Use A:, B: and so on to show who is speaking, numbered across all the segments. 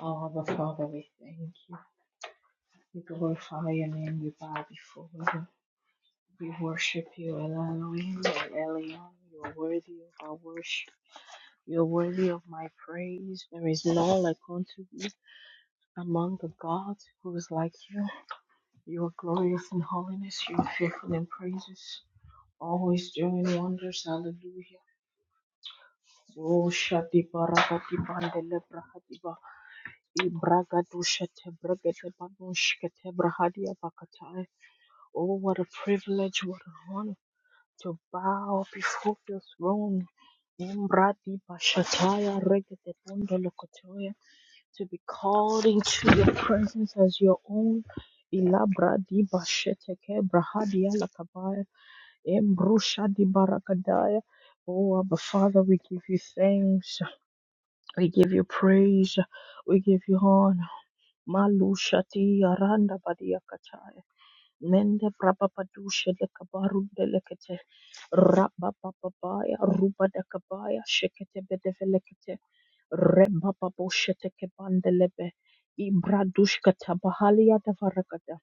A: Abba Father, we thank you. We glorify your name. We bow before you. We worship you, El Elohim, El Elyon. You are worthy of our worship. You are worthy of my praise. There is none like unto you among the gods who is like you. You are glorious in holiness. You are fearful in praises. Always doing wonders. Hallelujah. Oh, Shati Baragati Bandele Brahadiba. Ibragadu Shate Bragate Babushkate Brahadia Bakatai. Oh, what a privilege, what an honor to bow before the throne. Embrati Bashataya Regate Bondo Lokotoya, to be called into your presence as your own. Ilabradi Basheteke Brahadia Lakabaya Embrushadi Barakadaya. Oh, Abba Father, we give you thanks. We give you praise. We give you honor. Malushati Aranda Badia Mende brababadusha de kabarunde lekete rabababaya ruba de kabaya shekete bedevelekete rebababosha teke bandelebe ibradushka tabahalia de varakata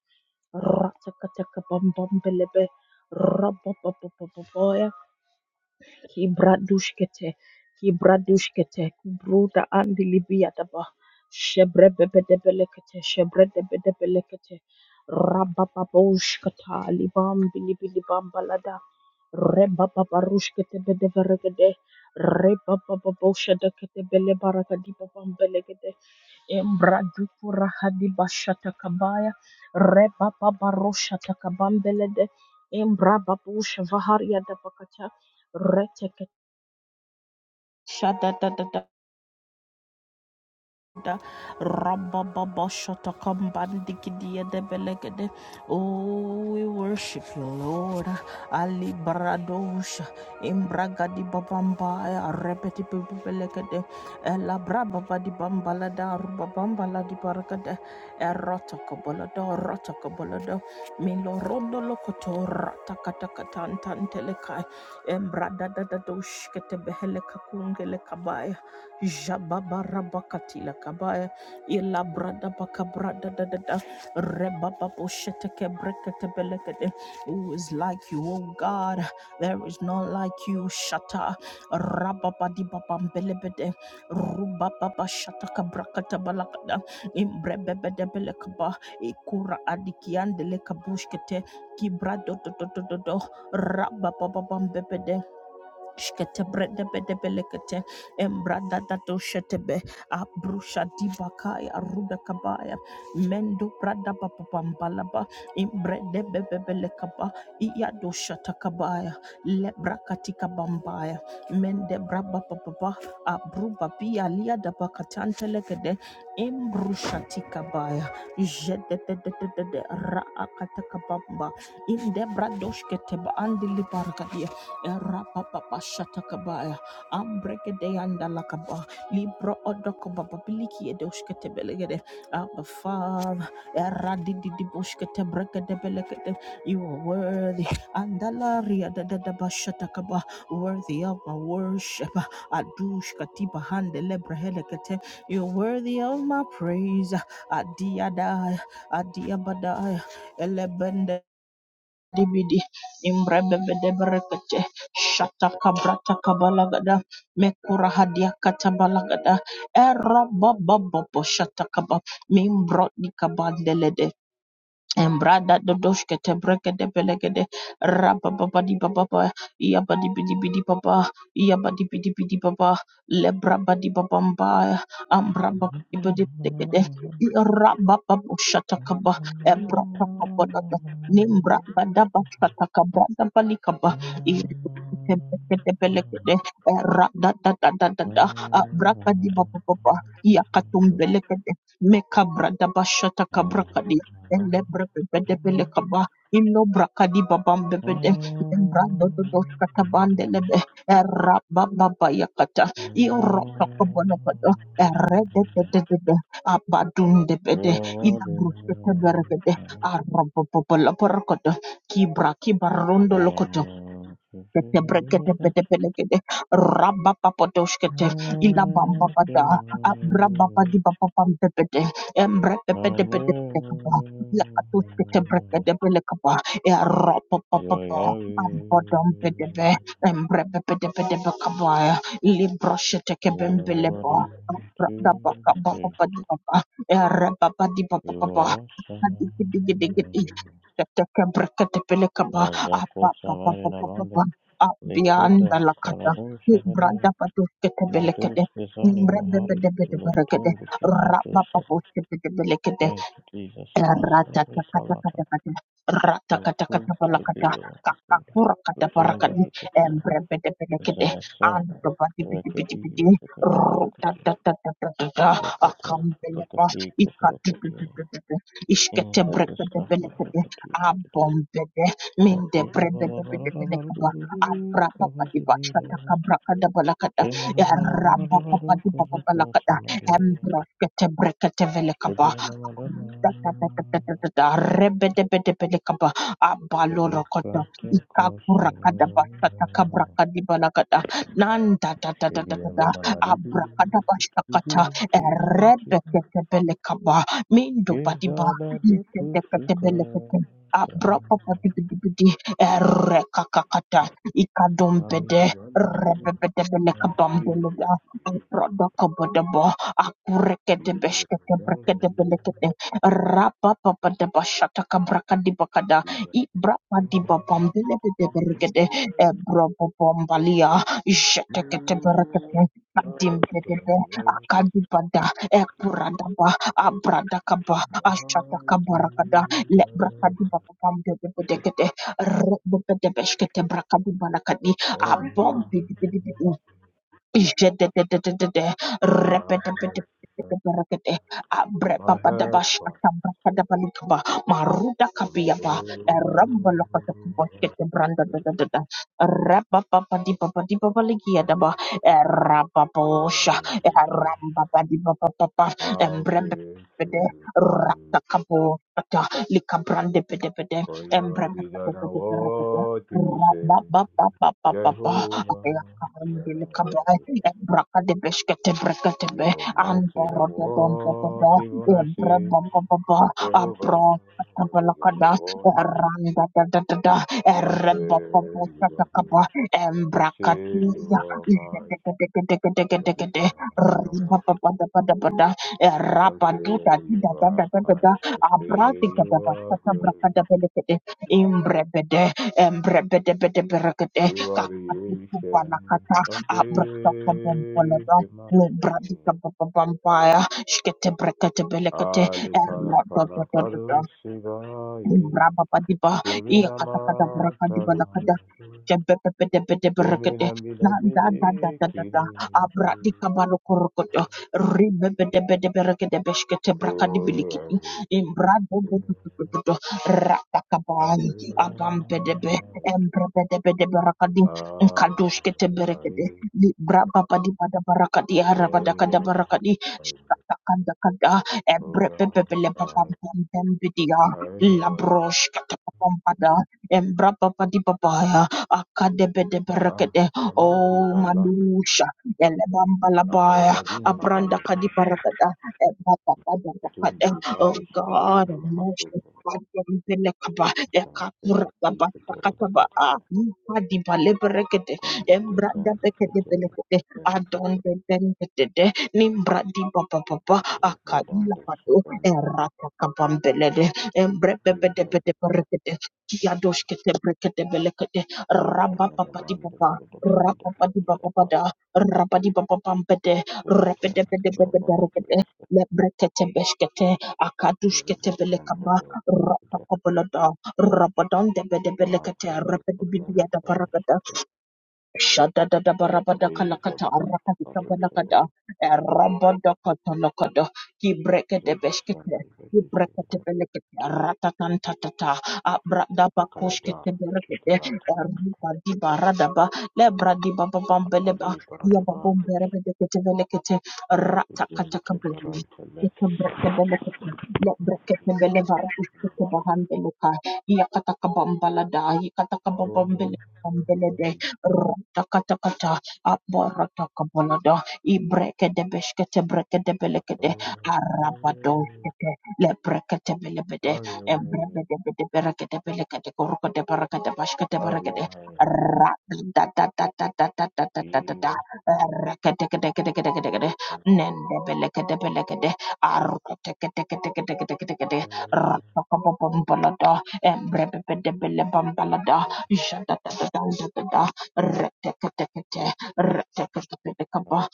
A: ratakataka bambambelebe raba Kibradushkete, Kibradushkete, Kubruda and Libiadaba, Shebrebebedebelekete, Shebrebebedebelekete, Rabababushkata, Libam Bilibilibam Balada, Rebababarushkete Bedeveregede, Rebabababushadakete Belebaragadiba Belegede, Embradukura Hadibashata Kabaya, Rebababarushatakabambelede, Embrababusha Vaharia Dabakata, Shada da da da da Ramba Baba Shata Kambandikidia de Belegade. Oh, we worship you, Lord. Ali Bradosha Imbragadi Babamba Repeti Belegade Ella Brababa di Bambalada Rubabambala di Baragade Erotakabalada Rotakabalada Milo Rondo Lokoto Ratakatakatantan Telekai Embrada da da dosh Kete Behele Kakungele Jababarabakatila kabaya. Ila brada baka brada da da da. Rebababo sheteke brekete belekete. Who is like you, O God? There is none like you. Shata. Rababadi babam belebede. Rubababa shataka brakata balakada. Imbrebebede belekaba. Ikura adikiandele kabushkete. Kibra do do do do do do. Rabababam Shkete brede bede belekete embrada dato shetebe abrusha dibakaya ruda kabaya mendo brada papapambalaba imbrede bebe belekaba iya do iyado shatakabaya lebra katika bambaya mende braba papapa abruba pia liada bakatantelekede imbrusha tikabaya jededededede raakatakabamba inde bradoshketeba andilibargadia Erapapapashatakabaya, Ambregedeandalakaba, Libro Odokobabiliki Edoshketebelegede, Abba Father, Eradididibushketebregedebelegede, You are worthy, Andalaria Dadabashatakaba, worthy of my worship, Adushkatiba Handelebrehelekete, You're worthy of my praise, Adiada, Adiabada, Elebende dibidi imrebebederekete shatakabrata kabalagada mekura hadia katabalagada era baba bobo shatakaba mimbro di kabandele de Embrada dodoshke tebreke de belegede rabababadi bababa yabadi bidi bidi baba yabadi bidi bidi baba lebra badi babamba ambra badi
B: Thank
A: bidi
B: you.
A: belegede rabababu shatakaba ebra bababada nimbra badaba shatakaba dabali kaba tebreke de belegede rada da da da da da abraka di bababa yakatum belegede mekabra dabashata elebra bebede bele kaba ilobra kadi babam bebede lembra dodo doska tabande lebe era baba baya kata iora takobono kodo ere de de de de de abadun de bede ila bruske tebere bede arabo popola porkodo kibra kibarondo lokoto Kete brekete pete pelekete. Rabba papotoshkete. Ila bamba pada. Abra baba di baba Embre pepete pete pete kapa. Ila katushkete brekete pele kapa. Ya ropa
B: Yo,
A: papapa.
B: yo, yo,
A: Ambodom pete pe. Embre pepete pete pe kapa Libro shete
B: yo,
A: kebembelebo.
B: one,
A: Rabba
B: two,
A: baka baba
B: three.
A: padi baba. Ya rabba padi baba
B: You are awesome. Azako samari namande.
A: Beyond the
B: Likuda
A: lakata,
B: saradu
A: branda
B: shabadari.
A: patus kete
B: Ladus
A: belekete,
B: gizani
A: imbrebe
B: mahari.
A: bede bede berekete,
B: Lutungu kipatu
A: rabba
B: saba.
A: papus
B: Thank you, Jesus. Masabi salata.
A: Ratatatatata,
B: Uku
A: ratakatakatabalakata,
B: tubi wakatunda. Kutunda
A: kakakurakatabarakadi,
B: hikata.
A: embrepetepelekete,
B: Zanasema. Rekodi
A: antobadibidibidibidi,
B: hikata hikata.
A: rutatatatata,
B: Zakata,
A: akambeleba,
B: Lakati, Kaparakati,
A: ikatutututututu,
B: in Zakastaka,
A: isketebrepetepelekete,
B: Lakati, Shakata,
A: abombede,
B: Lakira, Bara, Bara, Bara,
A: mindebrebedebedebelekaba,
B: Dubu, Kavasi, Bara,
A: aprapapadibastatakabrakadebalakata,
B: Kemana, Mala, Mara, Mara, Kazaka,
A: erabapapadibababakata,
B: Sanadi,
A: embrosketebreketevelekaba,
B: Ibirana, Mara,
A: Rebedebedebedekaba, abalorokota,
B: Zikata, Kosana,
A: ikakurakadabashatakabrakadibalakada,
B: Shibia,
A: nandadadadadadada,
B: Vana, Maribi,
A: abrakadabashakata,
B: Kibi, Kibi, Kibi,
A: erebeketebelekaba, mindobadiba,
B: Izada, Dupu, Sukata,
A: isedeketebelekete, abrapapatibidibidi, erekakakata,
B: Lamida,
A: ikadombede,
B: Mali,
A: rebebedebelekabambeleda, abrodokobodebo,
B: Power
A: akureketebeshketebrekedebelekete, Rapapapadabashatakabrakadibakada. Ibrapadibabombelebedebregede. Ebrobobombalia. Jeteketeberekete. Adimbedebe. Akadibada. Ekuradaba. Abradakaba. Ashatakabarakada. Lebrakadibababambelebedekete. Rebebedebeshketebrakadubalakadi.
B: on.
A: Abombedebedebe. Rabba
B: My help comes from above. Then I will declare how faithful. you are. For you are bigger than what people say. Jehovah, bigger
A: Kambele
B: than what
A: kabai,
B: people say.
A: ebraka de beshkete
B: You
A: breketebe,
B: are mighty
A: andoro
B: than
A: de
B: what
A: dontebe,
B: even I
A: ebre
B: say.
A: bobobobo,
B: Jehovah,
A: abro
B: bigger
A: katabelakada,
B: than what people. say.
A: eranda da da da da,
B: Some
A: erre
B: say
A: bobobo
B: you are good.
A: satakaba,
B: I say
A: embrakatiya,
B: you are mighty, you are
A: izedegedegedegedegede,
B: bigger than what
A: ribababadabadabada,
B: some say
A: erapaduda
B: you
A: dida da da
B: are
A: da da da,
B: kind. I say you
A: abradigababa
B: are glorious,
A: satabrakadabelekede, imbrebede, embrebedebedebrekede,
B: you are the ancient
A: Kupalakata,
B: of
A: Abrata
B: days,
A: Pompolaba,
B: the mighty King.
A: Lubradika Pampaya, Shkete Brekete Belekete,
B: Ali Kana Kana Kalu Shivaye,
A: Rababadiba,
B: Devina
A: Iakatakada Brakadiba
B: Matala,
A: Lakada. Jebedebedebedebrekede,
B: Devina
A: la
B: Mila
A: da da da
B: Bili
A: da da da,
B: Kiri, Kiri.
A: abradika barokorokodo, ribebedebedebrekede beshkete
B: Oh,
A: brakadibilikidi, imbradodododododo,
B: I
A: ratakabali, abambedebe,
B: will.
A: embrebedebedebrakadi,
B: ya,
A: nkadoshkete berekede, librababadibadabarakadi, harabadakadabarakadi, shkatakandakada, ebrebebebelebabampembedia, Labrosh Katapapada Embrapa Dipapaya Akadebede
B: Baba,
A: Berekede O Manusha Elebamba Labaya Abranda Kadiparakada Ebata Oh God Most Adembelekaba Ekapurakaba Kataba Adipa Leberekede Embranda Bekede Belekede Adon Bendede Nimbradi Papa Papa Akaila Pado Erata Kabambelede Embrebebedebedeberekete. Kiadoshkete brekete belekete. Rabapapatipapa. Rapapadipapapada. Rapadipapapampete.
B: Thank
A: Repedebedebedeberekete.
B: you.
A: Lebrekete beshkete. Akadushkete belekaba.
B: Zibishandwele the
A: Rapapapalada. Rabadandebedebelekete.
B: proprietary
A: Repedibidiadabarakada.
B: proprietors
A: Shadada barabada
B: obeyed
A: kalakata
B: about
A: arakati
B: produced
A: kabanakada erabada katanakada kibreke de beskete kibreke de
B: Zibishandwele
A: belekete ratatan tatata abrada
B: Akayada
A: bakoshkete berekete
B: Chidiatana
A: eriba di barada ba lebra di rata
B: Ali Baradabando
A: kete de lebra kata Shadadadabarabadakalakata
B: Jim
A: arakatikabalakada
B: Teberan
A: erabadakatalakada kibrekedebeshkete kibreketebelekete ratatantata abradabakoshketeberekete eribadibaradaba lebradibababambeleba yababomberebedeketebelekete ratakatakabele
B: Telekis
A: Lekebrekebelekete, lebreketebelebarakusteke bahandeleka, yakatakabambalada,
B: Oh,
A: yakatakababambelebambelede,
B: oh,
A: ratakatakata abaratakabalada ibrekedebeshkete
B: oh,
A: brekedebelekede
B: oh,
A: arabadolkete lebreketebelebede embrebedebedeberekedebelekede korokedebarakedebashketebrekede radadadadadadadadadadada da da da da da da. Retekete, retekete,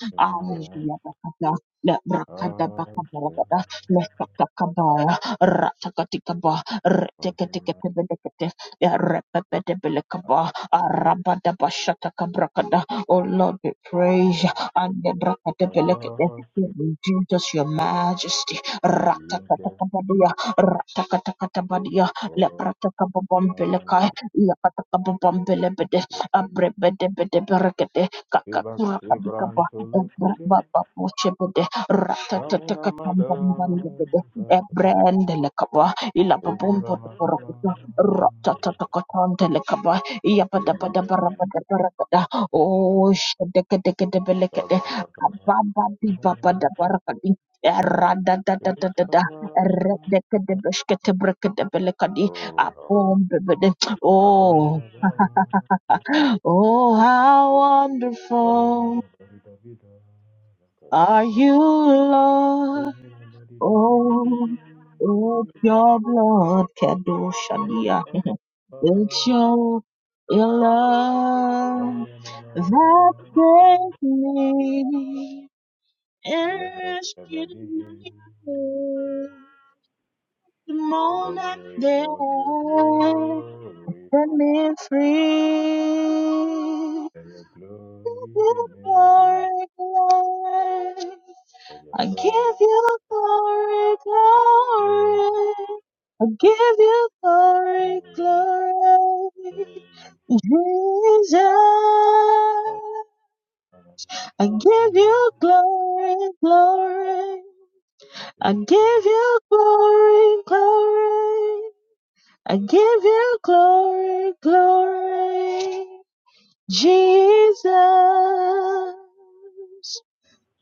B: oh, oh,
A: Aya bakata, le brakada
B: Oh,
A: bakabarabada, le takakabaya, ratakatikaba, reteketeketebelekete, le repepetebelekaba, arabada bashatakabrakada. Oh Lord, we praise you. and the brakatebelekete. Jesus, your majesty. Ratakatakabadia, ratakatakabadia, le pratakababambelekai, Abrebedebedebede, kakakura Abrebedebedebregede, Kakakurakabikaba, Ebrabababochebede, Ratatatakatambanbandebede, Ebrendelekaba, Ilababombodeborogede, Ratatatakataandelekaba, Iyabadabadabarabadabarabada, Oh, shedekedegedebelekede, Ababadibabadarabadi, Eradadadadadada, Eredekedebeshketebrekedebelekadi, Abombebede. Oh, Oh, how wonderful are you, Lord. Oh, it's
B: help.
A: your blood, Kedoshania.
B: Let it
A: It's
B: rain
A: your, your love
B: of your
A: that
B: glory
A: brings me.
B: from the redeeming man. Let
A: Rescue
B: it let
A: me the
B: it
A: moment that set me free. Give you glory, Lord. I give you glory,
B: rain
A: glory. I
B: of
A: give you glory,
B: glory.
A: glory. Jesus.
B: I am
A: I
B: Kohi,
A: give you glory, glory. I give you glory, glory. I give you glory, glory. Jesus.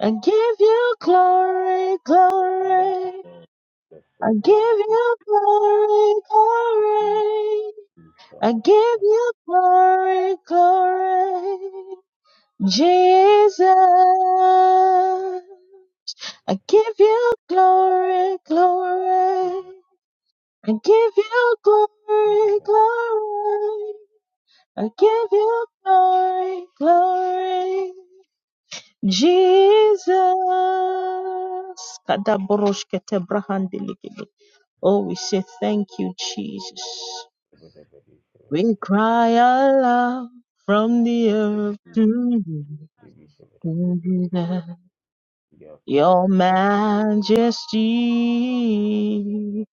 A: I give you glory, glory.
B: the
A: I
B: sober
A: give
B: hati,
A: you glory,
B: he
A: glory.
B: is
A: I give
B: Samaya.
A: you glory, glory. Jesus. I give you glory, glory. I give you glory, glory. I give you glory, glory. Jesus. Kadaboroshkete brahandili Oh, we say thank you, Jesus.
B: Everybody,
A: We cry aloud from the
B: everybody,
A: earth
B: The
A: to
B: everybody.
A: you, your
B: Yato,
A: majesty.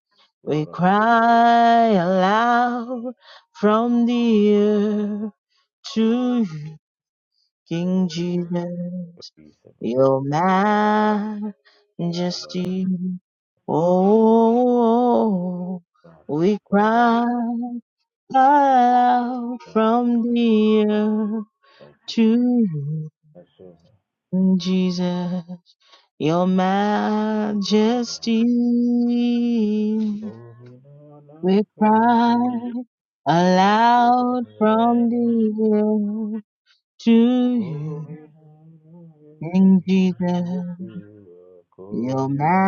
A: We
B: Kurapata,
A: cry aloud from the earth to you, King
B: Lokobo,
A: Jesus, your
B: Kabisabata, Abada,
A: majesty. Oh,
B: Kurada,
A: we
B: Kuradanda,
A: cry. out from the earth to you,
B: Nasova,
A: Jesus, your
B: Mara,
A: majesty.
B: Kuminana
A: We
B: faith
A: cry aloud from
B: Kuminana
A: the earth to you,
B: Kuminana
A: in
B: faith
A: Jesus,
B: Yeshua
A: your
B: Kumina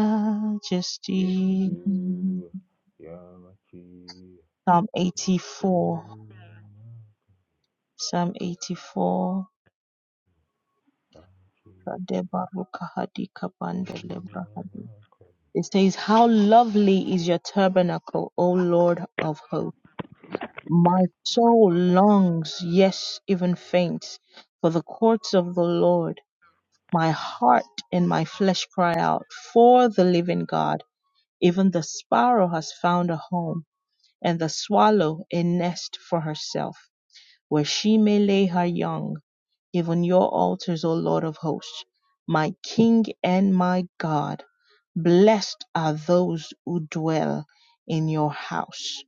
A: majesty.
B: Yeshua Yamaki
A: Psalm 84, Psalm 84. Kadebaruka hadika pandele It says, How lovely is your tabernacle, O Lord of hosts. My soul longs, yes, even faints, for the courts of the Lord. My heart and my flesh cry out for the living God. Even the sparrow has found a home, and the swallow a nest for herself, where she may lay her young. Give on your altars, O Lord of hosts, my King and my God. Blessed are those who dwell in your house.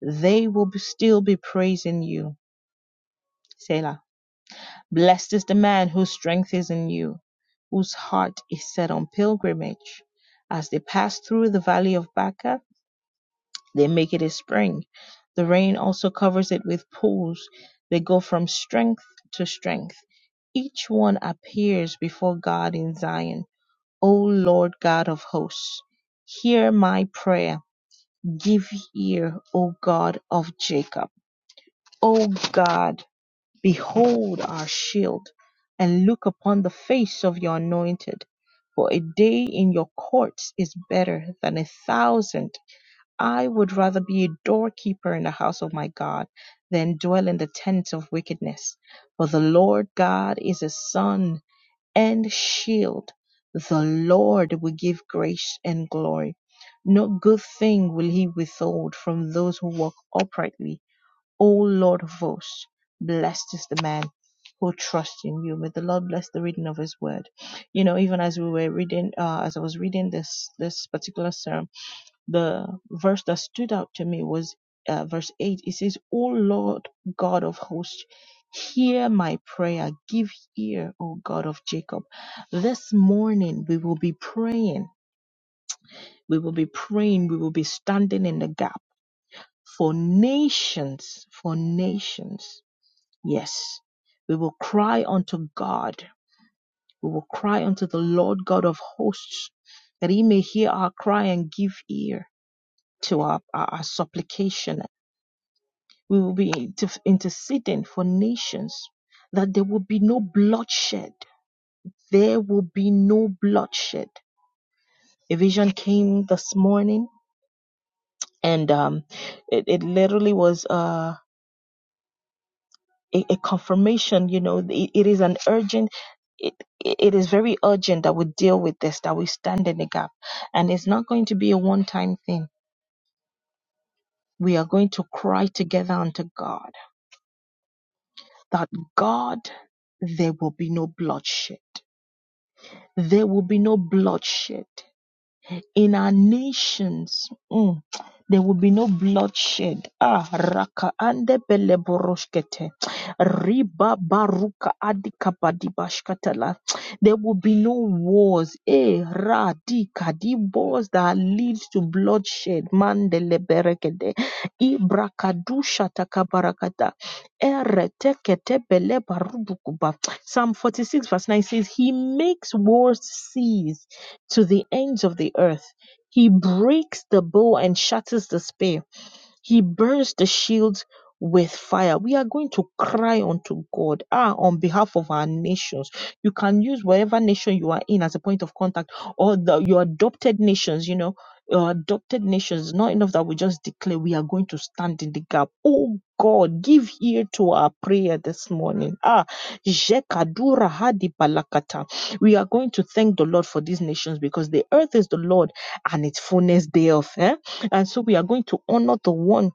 A: They will be- still be praising you. Selah. Blessed is the man whose strength is in you, whose heart is set on pilgrimage. As they pass through the valley of Baca, they make it a spring. The rain also covers it with pools. They go from strength to strength. Each one appears before God in Zion. O Lord God of hosts, hear my prayer. Give ear, O God of Jacob. O God, behold our shield, and look upon the face of your anointed. For a day in your courts is better than a thousand I would rather be a doorkeeper in the house of my God than dwell in the tents of wickedness. For the Lord God is a sun and shield. The Lord will give grace and glory. No good thing will he withhold from those who walk uprightly. O Lord of hosts, blessed is the man who trusts in you. May the Lord bless the reading of his word. You know, even as we were reading, uh, as I was reading this, this particular sermon, the verse that stood out to me was uh, verse 8. It says, O Lord God of hosts, hear my prayer. Give ear, O God of Jacob. This morning we will be praying. We will be praying. We will be standing in the gap for nations, for nations. Yes, we will cry unto God. We will cry unto the Lord God of hosts that he may hear our cry and give ear to our, our, our supplication We will be inter- interceding for nations that there will be no bloodshed. There will be no bloodshed. A vision came this morning and um, it, it literally was uh, a, a confirmation. You know, it, it is an urgent. It, it is very urgent that we deal with this, that we stand in the gap. And it's not going to be a one time thing. We are going to cry together unto God that God, there will be no bloodshed There will be no bloodshed in our nations. Mm. There will be no bloodshed. Ah, raka ande bele boroshkete. Riba baruka adika bashkatala. There will be no wars. Eh, ra di kadi wars that lead to bloodshed. Mandele berekede. Ibrakadusha takabarakata. Eretekete bele barudukuba. Psalm 46 verse 9 says, He makes wars cease to the ends of the earth. He breaks the bow and shatters the spear. He burns the shields with fire. We are going to cry unto God ah, on behalf of our nations. You can use whatever nation you are in as a point of contact or the, your adopted nations, you know, your adopted nations. Not enough that we just declare we are going to stand in the gap. Oh God, give ear to our prayer this morning. Ah, Jekadura Hadi Balakata. We are going to thank the Lord for these nations because the earth is the Lord and its fullness thereof. eh? And so we are going to honor the one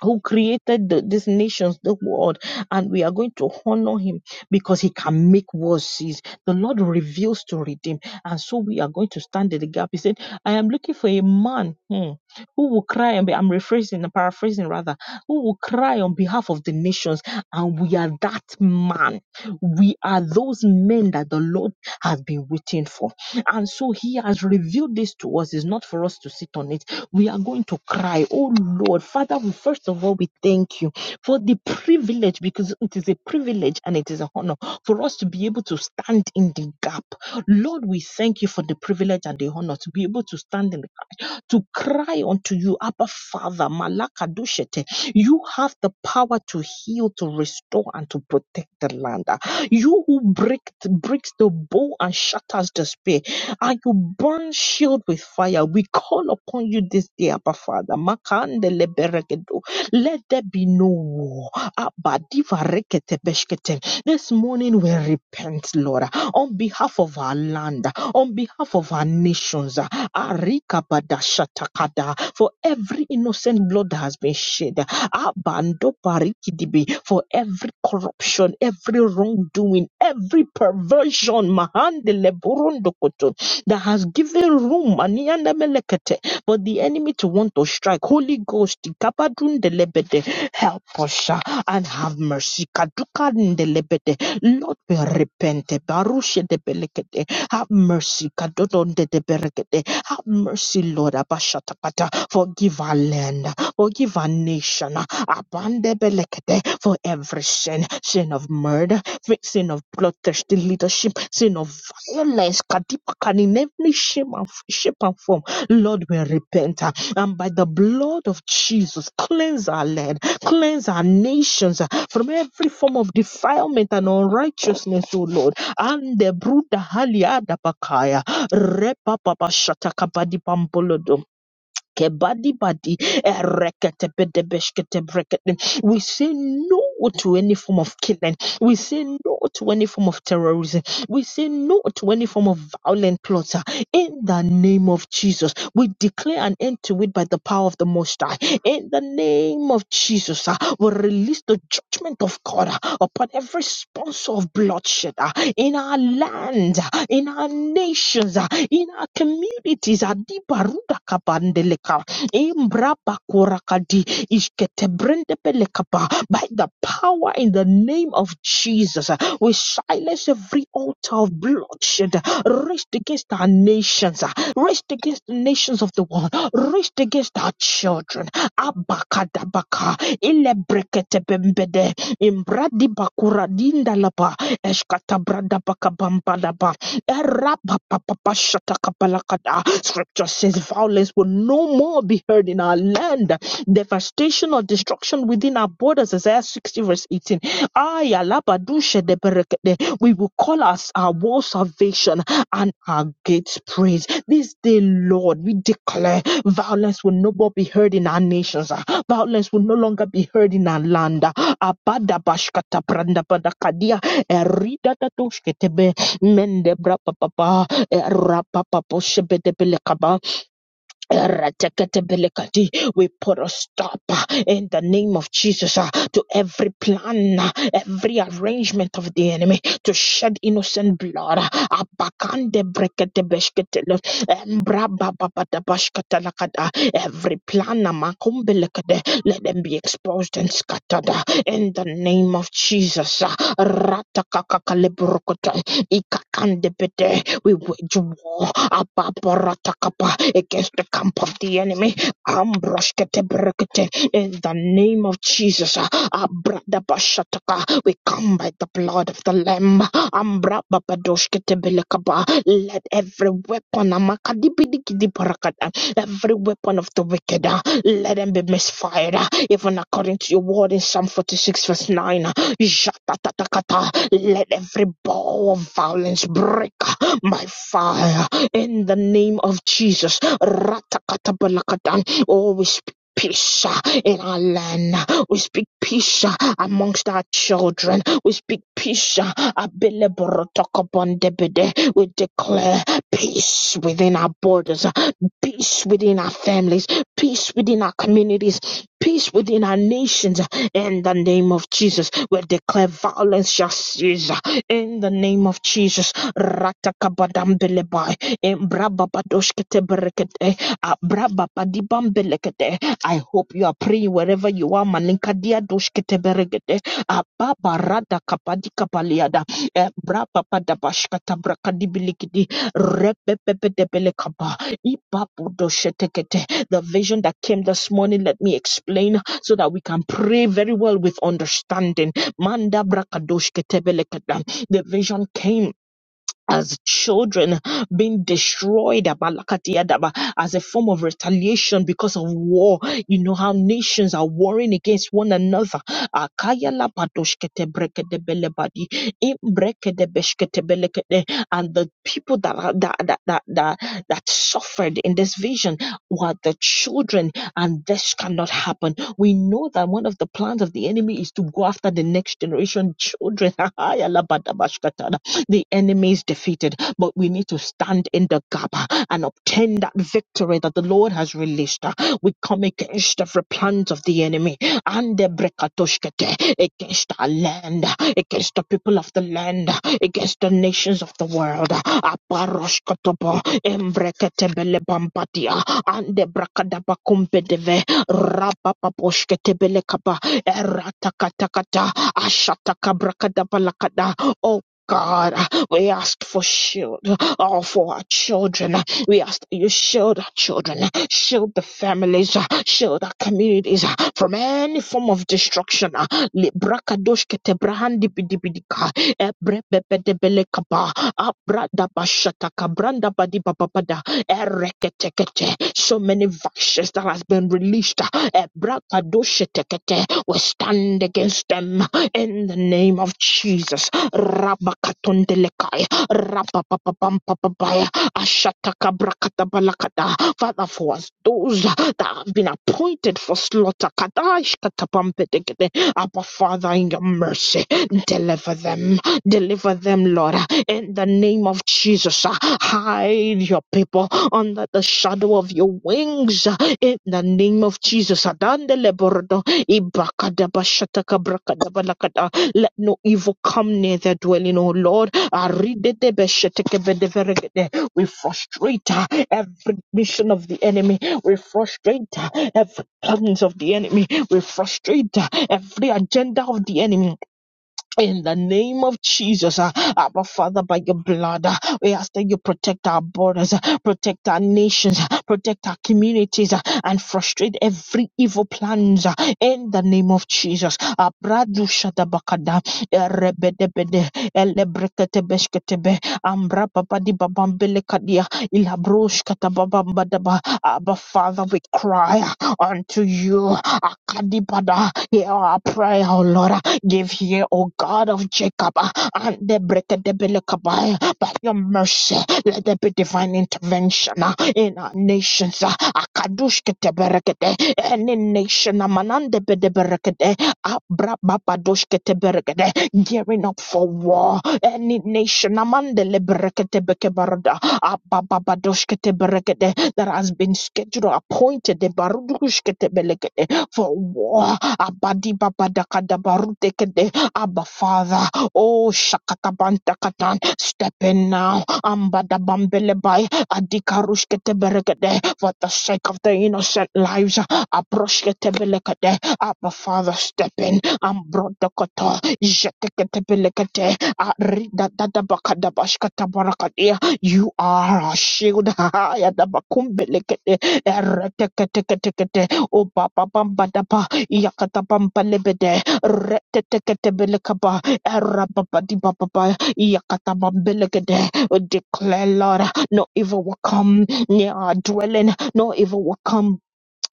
A: who created the, these nations, the world, and we are going to honor him because he can make wars cease. The Lord reveals to redeem. And so we are going to stand in the gap. He said, I am looking for a man hmm, who will cry and I'm rephrasing, paraphrasing rather, who will cry on behalf of the nations. And we are that man. We are those men that the Lord has been waiting for. And so he has revealed this to us. It's not for us to sit on it we are going to cry, Oh Lord, Father, we first of all, we thank you for the privilege because it is a privilege and it is an honor for us to be able to stand in the gap. Lord, we thank you for the privilege and the honor to be able to stand in the gap, to cry unto you, Abba Father, Malakadoshete. You have the power to heal, to restore, and to protect the land. You who break, breaks the bow and shatters the spear and you burn shield with fire. We call upon you this day, Abba Father. Makandele berekedo. Let there be no war. Abba diva rekete beshkete. This morning we repent, Lord, on behalf of our land, on behalf of our nations, Arika badashatakada, for every innocent blood that has been shed, Abando barikidibi, for every corruption, every wrongdoing, every perversion, Mahandele that has given room aniyanemelekete, for the enemy to want to strike. Holy Ghost, ikapadundelebede, help us ah, and have mercy. Kaduka Kadukandelebede. Lord, we repent. Barushedebelekete. Have mercy. Kadodondedeberekete. Have mercy, Lord. Abashatakata. Forgive our land. Forgive our nation. Abande Abandebelekete. For every sin sin of murder, sin of bloodthirsty leadership, sin of airless, Kadipaka, in every shape and, shape and form. Lord, we repent. uh, And by the blood of Jesus, cleanse our land, cleanse our nations uh, from every form of defilement and unrighteousness, O Lord. And the Bruda Haliada Bakaya, Repa Papa Shataka Badi Kebadi badi, erekete bede beshkete brekete. We say no to any form of killing. We say no to any form of terrorism. We say no to any form of violent plotter. In the name of Jesus, we declare an end to it by the power of the Most High. In the name of Jesus, ah, we release the judgment of God ah, upon every sponsor of bloodshed ah, in our land, ah, in our nations. ah, in our communities. Adibaruda kabandeleka, embraba korakadi, ishketebrendebelekapa. By the power in the name of Jesus, we silence every altar of bloodshed raised against our nations, raised against the nations of the world, raised against our children. Abakadabaka, ilebreketebembede, imbradibakura dindalaba, eshkatabradabakabambalaba. Erapapapapashatakapalakada. Scripture says violence will no more be heard in our land. Devastation or destruction within our borders. Isaiah 60 verse 18. Ayalabadushedeberekede. We will call us our wall salvation and our gates praise. This day, Lord, we declare violence will no more be heard in our nations. ah. Violence will no longer be heard in our land. ah. Abadabashkatabrandabadakadia, eridadatoshketebe, mende bra papa rapa papa shebede bele kaba Erateketebelekati. We put a stop uh, in the name of Jesus uh, to every plan, uh, every arrangement of the enemy to shed innocent blood. uh, Abakandebreketebeshketelo, Embrabababadabashketelakada. Every plan, uh, Makumbelekede, let them be exposed and scattered uh, in the name of Jesus. uh, Ratakakakalebrokoto, Ikakandebete. We wage war Ababarakatapa, against the camp of the enemy. Ambroshketebrekete, In the name of Jesus, Abradabashataka, we come by the blood of the Lamb. Ambrababadoshketebelekaba, Let every weapon, Amakadibidikidibarakata, every weapon of the wicked, uh, let them be misfired. uh, Even according to your word in Psalm 46, verse 9, uh, Jatatatakata, let every bow of violence break uh, by fire. In the name of Jesus. Ratakatabrakatan. Oh, we speak peace uh, in our land. We speak peace uh, amongst our children. We speak peace. uh, abeleborotakabondebede. We declare peace within our borders, uh, peace within our families, peace within our communities, peace within our nations. uh, In the name of Jesus, we declare violence shall cease. uh, In the name of Jesus, ratakabadambeleba. I hope you are praying wherever you are. Malinkadia doshketeberekete, ababaradakapadikapaliada, embrabapadabashkatabrakadibilikidi, repepepetebelekaba, ibabudoshetekete. The vision that came this morning, let me explain so that we can pray very well with understanding. Manda brakadoshkete brakadoshketebelekete. The vision came as children being destroyed abalakatiadaba, as a form of retaliation because of war. You know how nations are warring against one another. Akayalabadoshketebrekedebelebadi, imbrekedebeshketebelekede. And the people that, are, that, that, that, that, that suffered in this vision were the children, and this cannot happen. We know that one of the plans of the enemy is to go after the next generation children. The enemy is defeated, but we need to stand in the gap and obtain that victory that the Lord has released. We come against every plant of the enemy and the brekatoshkete against our land, against the people of the land, against the nations of the world. Aparoshkotobo, embreketebelebambadia, and the brakadabakumbedeve, rapapaposhketebelekaba, eratakatakata, ashatakabrakadabalakada. Oh, God, we ask for shield, all for our children. We ask that you shield our children, shield the families, shield our communities from any form of destruction. Librakadoshkete ebrebebedebelekaba, abradabashataka, ereketekete. So many vices that has been released. Ebrakadoshketekete. We stand against them in the name of Jesus. Rabakatondelekaya. Rababababambababaya. Ashatakabrakatabala Father, for us, those that have been appointed for slaughter, Kadash Katabambedegede, Abba Father, in your mercy, deliver them, deliver them, Lord, in the name of Jesus. Hide your people under the shadow of your wings, in the name of Jesus. Adandelebordo, Ibakadabashatakabrakadabalakada. Let no evil come near their dwelling, O Lord. We frustrate uh, every mission of the enemy. We frustrate uh, every plans of the enemy. We frustrate uh, every agenda of the enemy. In the name of Jesus, uh, Abba Father, by your blood, uh, we ask that you protect our borders, uh, protect our nations, uh, protect our communities, uh, and frustrate every evil plans. uh, in the name of Jesus, Abradu shadabakada, erebedebede, elebreketebesketebe, ambrapapadibabampelekadia, ilabroshkatababambadaba. Abba Father, we cry unto you. Akadibada, Hear our prayer, O Lord. Give here, O God of Jacob, uh, and the break the Belekabaya, by your mercy. Let there be divine intervention uh, in our nations. uh, Akadushke teberekete, Any nation, Amanande bedeberekete, Abrababadoshke teberekete, gearing up for war. Any nation, Amandele berekete bekebarada, Abababadoshke teberekete, that has been scheduled, appointed, the Barudushke teberekete, for war. Abadi Babadakadabarutekede. Abba Father. Oh Shakakabantakatan. Step in now. Ambada Ambadabambelebai. Adikarushketeberekede. For the sake of the innocent lives. Abroshketebelekede. Abba Father step in. Ambrodo koto, Ambrodokoto. Jeteketebelekete. Aridadadabakadabashkatabarakadia. You are our shield. Ayadabakumbelekede. Ereteketekete. Oh, Baba yakata bamba Yakatapambalebede, Reteteketebelekaba, Erababadibababa, Yakatabambelegede. Declare, Lord, no evil will come near our dwelling, no evil will come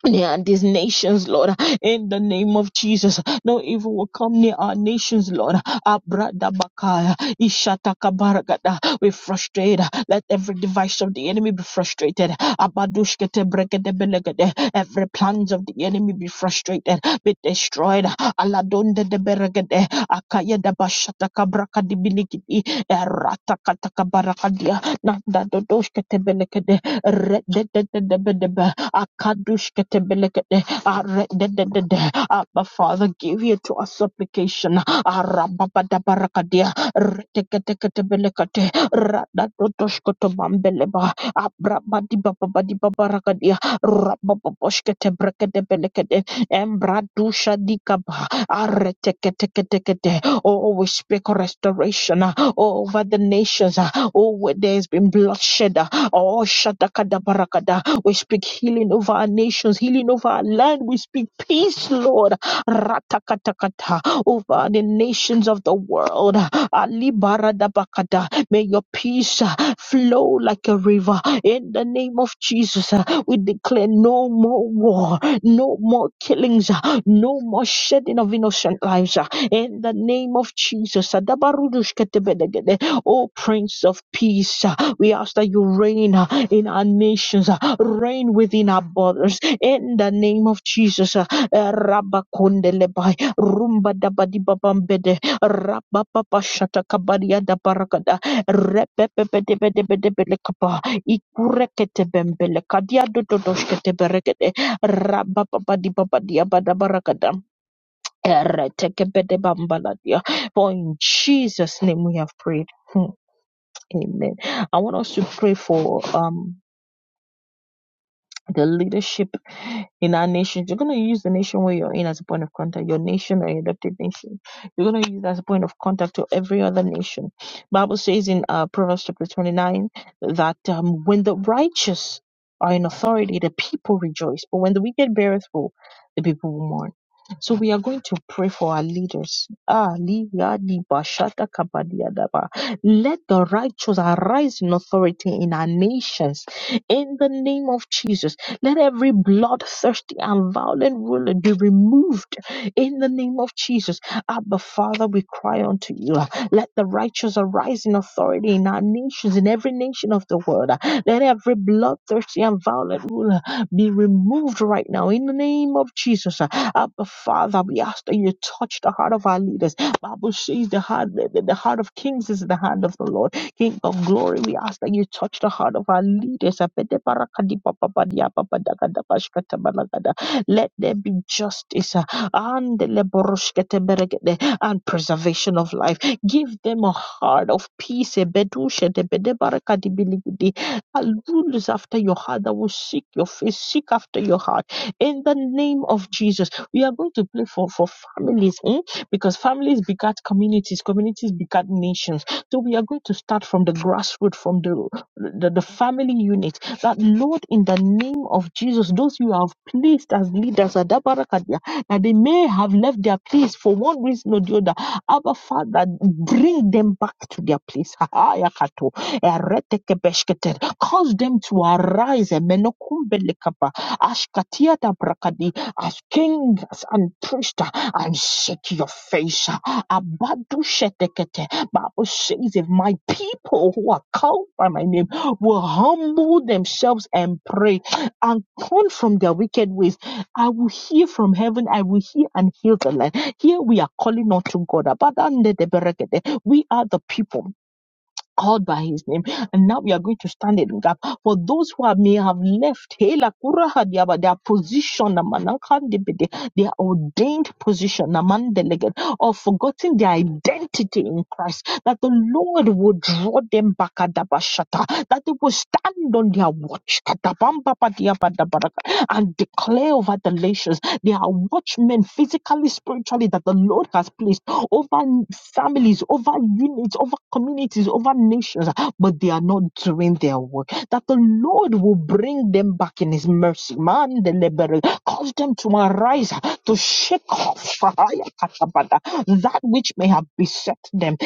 A: near these nations, Lord, in the name of Jesus. No evil will come near our nations, Lord. Abrada bakaya, ishataka baragada. We frustrate. Let every device of the enemy be frustrated. Abadushkete bregede belegede. Every plans of the enemy be frustrated, be destroyed. Aladonde de beregede. Akaya da bashataka brakadi bilikidi. Erata kataka barakadia. Nanda dodoshkete belegede. Rededededebedebe. Akadushketebelekete. Aredededede. Abba, Father, give you to our supplication. Arababadabarakadia. Reteketeketebelekete. Radadodoshkotobambeleba. Abrabadibababadibabarakadia. Rabababoshketebrekedebelekete. Embradushadikaba. Areteketekete. Oh, oh, we speak restoration uh, over the nations. uh, Oh, where there has been bloodshed. uh, Oh, shadakadabarakada we speak healing over our nations, healing over our land. We speak peace, Lord. Ratakatakata over the nations of the world. Ali baradabakata. May your peace uh, flow like a river. In the name of Jesus, uh, we declare no more war, no more killings, uh, no more shedding of innocent lives. uh, In the name of Jesus. Adabarudushketebedegede. Oh, Prince of Peace, uh, we ask that you reign uh, in our nations. uh, reign within our borders. In the name of Jesus. uh, uh, Rabakundelebai, Rumba Dabadibabambede, Rabapapa Shatakabaria da Baragada, Repepepedebedebedebelekapa, Ikureketebembele, Kadiadododoshketeberegede, Rabapapadiabadabaragada, Eretekebedebambaladia. For in Jesus' name we have prayed. Hmm, Amen. I want us to pray for um the leadership in our nations. You're going to use the nation where you're in as a point of contact, your nation or your adopted nation. You're going to use as a point of contact to every other nation. Bible says in uh, Proverbs chapter 29 that um, when the righteous are in authority, the people rejoice. But when the wicked beareth rule, the people will mourn. So we are going to pray for our leaders. Ah, li- ya- di- ba- shata- kaba- di- ya- da- ba. Let the righteous arise in authority in our nations in the name of Jesus let every bloodthirsty and violent ruler be removed in the name of Jesus. Abba, Father, we cry unto you. Let the righteous arise in authority in our nations, in every nation of the world. Let every bloodthirsty and violent ruler be removed right now in the name of Jesus. Abba, Father, we ask that you touch the heart of our leaders. Bible says the heart, the, the heart of kings is in the hand of the Lord. King of glory, we ask that you touch the heart of our leaders. Apete parakadi papapadiya papadagada pashkatabalagada. Let there be justice uh, and leboroshketeberegede, and preservation of life. Give them a heart of peace. ebedushedebedebarakadibiligidi, And rules after your heart that will seek your face, seek after your heart. In the name of Jesus, we are going to pray for, for families mm, because families begat communities, communities begat nations so we are going to start from the grassroots, from the, the, the family unit. That Lord, in the name of Jesus, those you have placed as leaders, Adabarakadia, that they may have left their place for one reason or the other. Abba Father, bring them back to their place. Ahayakato, eretekebeshkete. Cause them to arise. Emenokumbelekapa, ashkatiadabrakadi, As kings and priests, and shake your face. Abadu shetekete. Bible says, if my people who are called by my name will humble themselves and pray and turn from their wicked ways, I will hear from heaven, I will hear and heal the land. Here we are calling unto God. We are the people called by his name. And now we are going to stand in the gap for those who are, may have left Hela Kuraha Diaba, their position, Namanakandibide, their ordained position, Namandeleged, or forgotten their identity in Christ, that the Lord will draw them back Adabashata, that they will stand on their watch Katabambapadiabadabaraka, and declare over the nations. They are watchmen, physically, spiritually, that the Lord has placed over families, over units, over communities, over nations, but they are not doing their work. That the Lord will bring them back in His mercy. Man, the liberal, cause them to arise, to shake off that which may have beset them.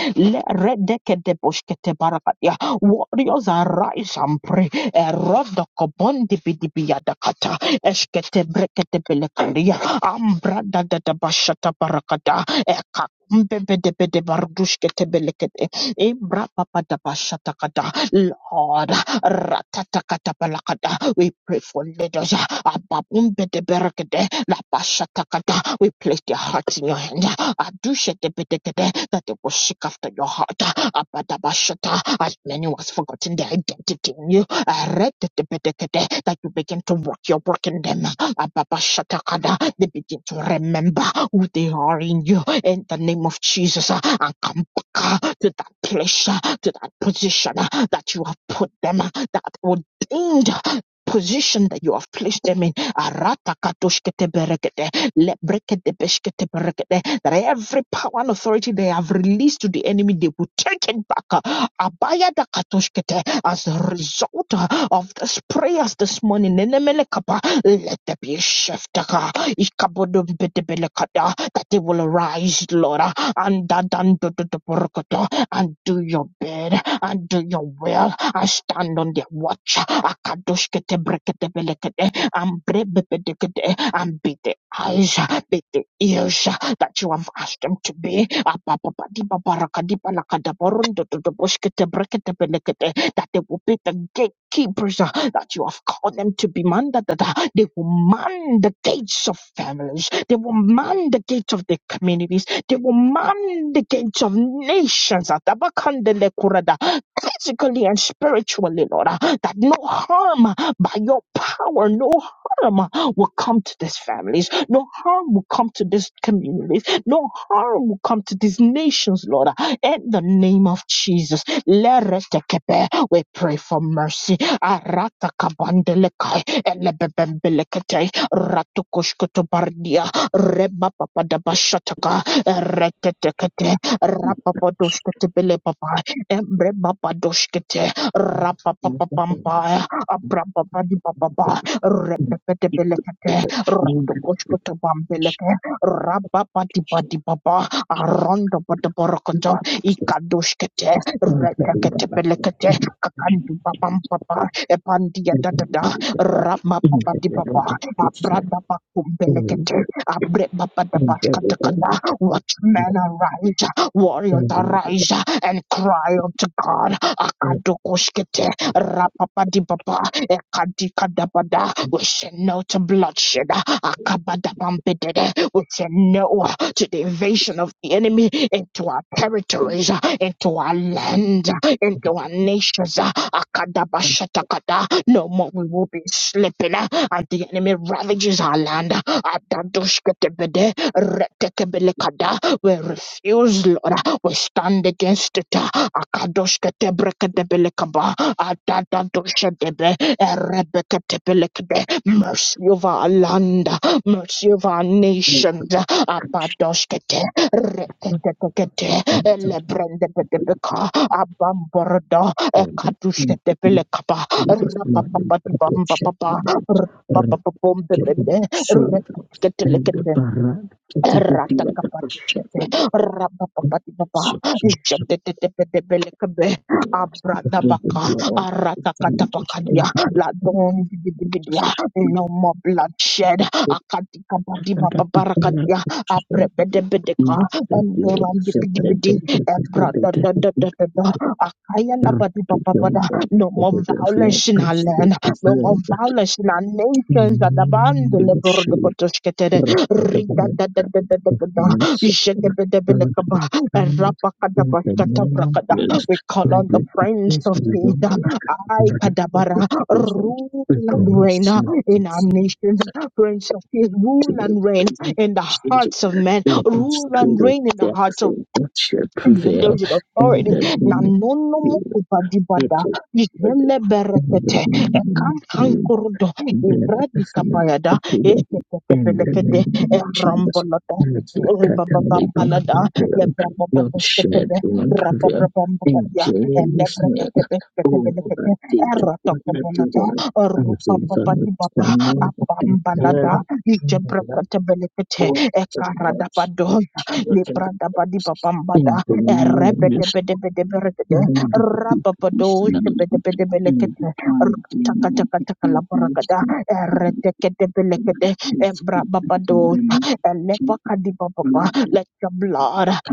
A: Warriors arise and pray. Erodokobondibidibiyadakata. Eshketebreketebelekaria. Ambradadadabashatabarakada. Mbebedebede bardushkete belekete. Ebra papada bashatakata. Lord, ratatakata balakata. we pray for leaders. Ababumbedebelekete. Labashatakata. We place their hearts in your hand. Adushketebedekete. That they will seek after your heart. Abadabashata. As many was forgotten their identity in you. Aretebedekete. That you begin to work your work in them. Ababashatakata. They begin to remember who they are in you in the name of Jesus uh, and come back uh, to that place, uh, to that position uh, that you have put them, uh, that ordained uh, position that you have placed them in. Arata katoshkete berekete, lebrekete beshkete berekete, That every power and authority they have released to the enemy, they will take it back. uh, katoshkete, As a result uh, of this prayers this morning, nenemele kapa, let there be a shift. uh, Ikabodobedebelekada, that they will arise, Lord, and dadandododoborokoto, and do your bed and do your will and stand on their watch. Akadoshketebreketebelekede, And brebebedekede, and be the eyes, be the ears that you have asked them to be. Apapapadibabarakadibalakadaborondododoboshtebreketebelekede, That they will be the gatekeepers that you have called them to be. Manda they will man the gates of families. They will man the gates of their communities. They will man the gates of nations. Atabakandele kurada. Physically and spiritually, Lord, uh, that no harm uh, by your power, no harm uh, will come to these families. No harm will come to these communities. No harm will come to these nations, Lord. uh, In the name of Jesus. Leretekepe. We pray for mercy. Aratakabandelekai. Elebembelekete Ratukushkutu bardia, Rema papa, elebebembelekete ratukoshkotobardia remapapadamashataka ereketekete rapapadoshkotebelebaba embremapadoshkete rapapapapampaya papa. Belekete, Ratokoshkota Bambeleke, Rababati Badi Baba, Arondo Badaborokoto, Ikadoshkete, Retakete Belekete, Kakandu Babam Papa, Epandia Dada, Rama Papa Di Baba, Abrada Bakum Belekete, Abre Baba Dabashkatakata, Watchmen
C: Thank
A: arise, warriors arise, and cry unto God, Akadokoshkete, Rapapa Di Baba, Ekadika Dabada, we say no to bloodshed. Akabadabampedede. We say no to the invasion of the enemy into our territories, into our land, into our nations. Akadabashatakada. No more we will be sleeping uh, and the enemy ravages our land. Adadushketebede. Retekebelekada. We refuse, Lord. We stand against it. Akadoshketebrekedebelekaba. Adadadoshedebe. Erebekatepelekde. Mercy of our land, mercy of our nations. Apadoshkete, reketekete, elebrendebedebeka, abamborodo, ekatushketebelekapa, rapapapadibambababa, rapapapabombebede, reketekelekete. Eratakapatitete, rapapapatibaba,
C: you.
A: ijadetetepetepeletebe,
C: Thank
A: abradabaka, aratakatapakadia, ladondidididia, No more bloodshed. Akatika Badi Baba Barakadia, Abrebedebedeka, Andoran Dibidi, Ebrada da da da Akatikabadibabarakadia, aprebedebedeka, endorandibidibidi, ebradadadadadada, akayalababababapada. No more violence in our land. No more violence in our nations. Adaban, the
C: you.
A: Adabandelebordokotoshkete.
C: the of the
A: Ridadadadadadada.
C: mercy of God, of
A: Jekebedebelekaba.
C: animals, in the name of
A: Erapakadabashatabrakada.
C: Jesus,
A: We call
C: I
A: on the
C: the
A: Prince
C: peace
A: of
C: of the
A: Peace.
C: Lord,
A: I
C: and I get the
A: Kadabara.
C: satisfaction
A: Rule
C: with
A: and
C: the
A: reign
C: mercy of the
A: in our nation.
C: saints.
A: Prince of Peace,
C: To
A: rule
C: the
A: and reign
C: kingdom,
A: in the
C: Jesus,
A: hearts of men.
C: the
A: Rule
C: spirit
A: and
C: of
A: reign in the hearts
C: death
A: of
C: and death shall prevail,
A: leaders in
C: and
A: authority
C: that we
A: na
C: will
A: nono
C: be with
A: mukubadibada
C: the Lord.
A: izele
C: In
A: berekete
C: name
A: ekankankurdo
C: Deliver
A: ibradi
C: us from
A: kabayada
C: all evil. In the
A: ezetekebelekede
C: name of Jesus.
A: erambolada
C: As the curtain upon
A: ribababambalada
C: the curtain, Lord, shed
A: lebrababadashketebe
C: one prevail. In
A: rababrabambabadia
C: Jesus' name. Oh,
A: elebrekekebeketebelekete
C: that deep, that
A: eratakobalada
C: deep, and the sun
A: rupapabadibaba
C: that no one
A: abambalada ijebreketebelekete
C: all the lights,
A: ekaradabado
C: the
A: lebrandabadibabambada
C: in the
A: let your
C: name of
A: blood
C: Jesus, and the people, and the planet, and the planet, Thank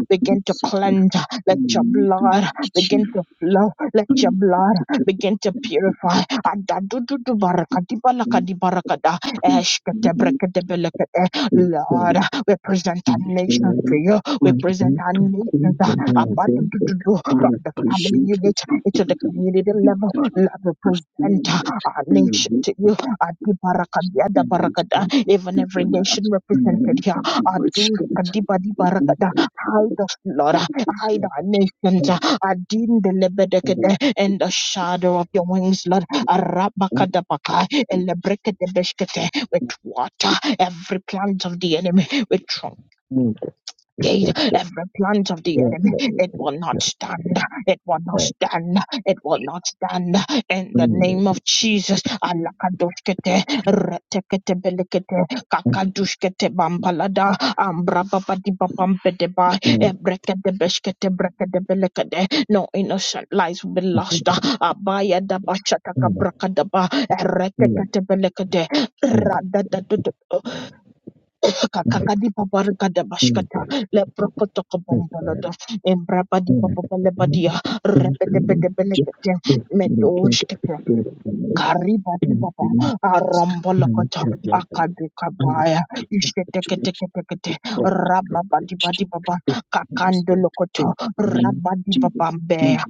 A: begin to cleanse. Let your blood begin to flow. Let your blood begin to purify. Adadududu barakadibalakadi barakada. Eshketebrekedebelekete. Lord, we present our nations to you. We present our nations abba do do from the family unit to the community level. Lord, we present our nation to you. Adi-baraka-dia-da barakada. Even every nation represented here. Adu-kadi-badi-barakada. Hide us, Lord. Hide our nations Adin-delebedekede, in the shadow of your wings, Lord.
C: you.
A: Arabakadabaka, elebrekedebeshkete, With water, every plant of the enemy. We
C: Move
A: gate, every plant of the
C: the air to
A: enemy,
C: the
A: it
C: east
A: will not stand, it will not
C: side,
A: stand, it will not stand. In the
C: bringing the
A: name of Jesus, alakadoshkete, retekete belekete, Kakadushkete bambalada, ambrababababampedeba,
C: sun
A: ebrekete beshkete, brekete belekete. No innocent lives will be
C: into
A: lost.
C: the
A: Abaya dabashataka
C: center,
A: brakadaba,
C: clear
A: eretekete belekete,
C: standard, And the
A: kakakadi babarikada
C: king
A: bashkata
C: there is the first
A: leprokotokobombolada
C: time,
A: embrabadi
C: and at the end
A: bababalebadiya
C: of the infinite, just
A: rebedebedebelekete
C: this new case of the spirit of the Lord
A: Kariba Karibadibaba,
C: to Thank
A: Arambalakata,
C: you. under
A: Akadekabaya,
C: the perpetuation of
A: Isheteketekete,
C: covenant of creation.
A: Rababadibadibaba,
C: It is the
A: Kakandolokoto,
C: holy name of Jesus.
A: Rabadibabambe,
C: You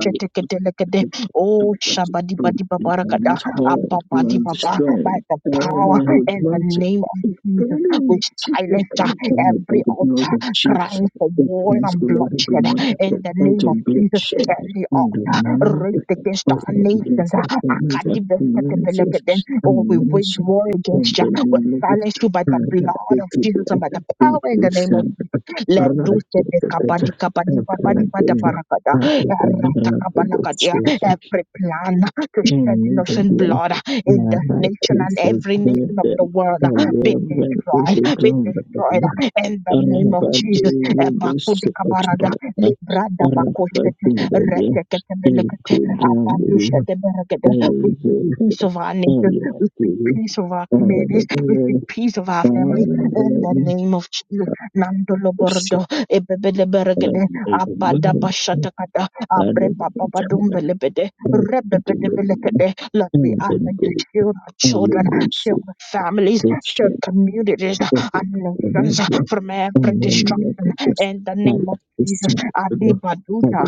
C: are by
A: Oh
C: the and
A: Shabadibadibabarakata,
C: is hard and
A: Ababadibaba, by
C: destroyed.
A: the
C: All
A: power
C: I would
A: and the
C: want to
A: name of Jesus, we
C: Probably check the
A: silence uh,
C: planet by
A: every
C: the blood of
A: altar
C: Jesus.
A: crying for
C: The
A: war
C: cross
A: and
C: will never be
A: bloodshed
C: multiplied
A: in the name
C: unto
A: of Jesus,
C: bloodshed
A: every
C: in the name
A: altar raised
C: of the
A: against our
C: Father
A: nations
C: against the families of communities
A: Makadibreskatebelekete. Oh, we
C: and
A: wage
C: nations
A: war
C: and
A: against you.
C: and
A: We silence you by the
C: And
A: blood
C: the
A: of Jesus and by the power
C: feet
A: in the
C: of
A: name of
C: some
A: Jesus. Let do
C: arise to
A: se de
C: the
A: kabadi
C: better
A: kabadi babadi
C: and
A: bada
C: the
A: barakada.
C: at the
A: Erata
C: bottom of the
A: kabalakadia.
C: book
A: Every plan to shed
C: and we will
A: innocent blood
C: be
A: in this
C: about
A: nation and
C: cases
A: every
C: that
A: nation of
C: the
A: the world
C: area
A: be
C: when we will
A: destroyed, be
C: grow
A: destroyed
C: about
A: in the name of
C: the
A: Jesus. Ebakudi
C: leadership
A: kabarada,
C: of the
A: librada
C: about
A: bakoshkete,
C: the it
A: retekete
C: could down
A: Abandushadeberagada. We speak
C: the
A: peace of our nation. We speak peace of our communities. We
C: Rabba
A: speak peace of our
C: I am
A: families. In the
C: the
A: name of Jesus. Nandolo bordo. Ebebele beregede.
C: Lord
A: Abada bashatakada. Abre baba
C: of
A: Ebebeleberagada. Abadabashatakada. Abrebababadumbalebede. Rebebedebelekede. Lord, we ask that you shield our children, shield our families, shield communities
C: of
A: and nations from every destruction. In the name of Jesus, Adibaduja,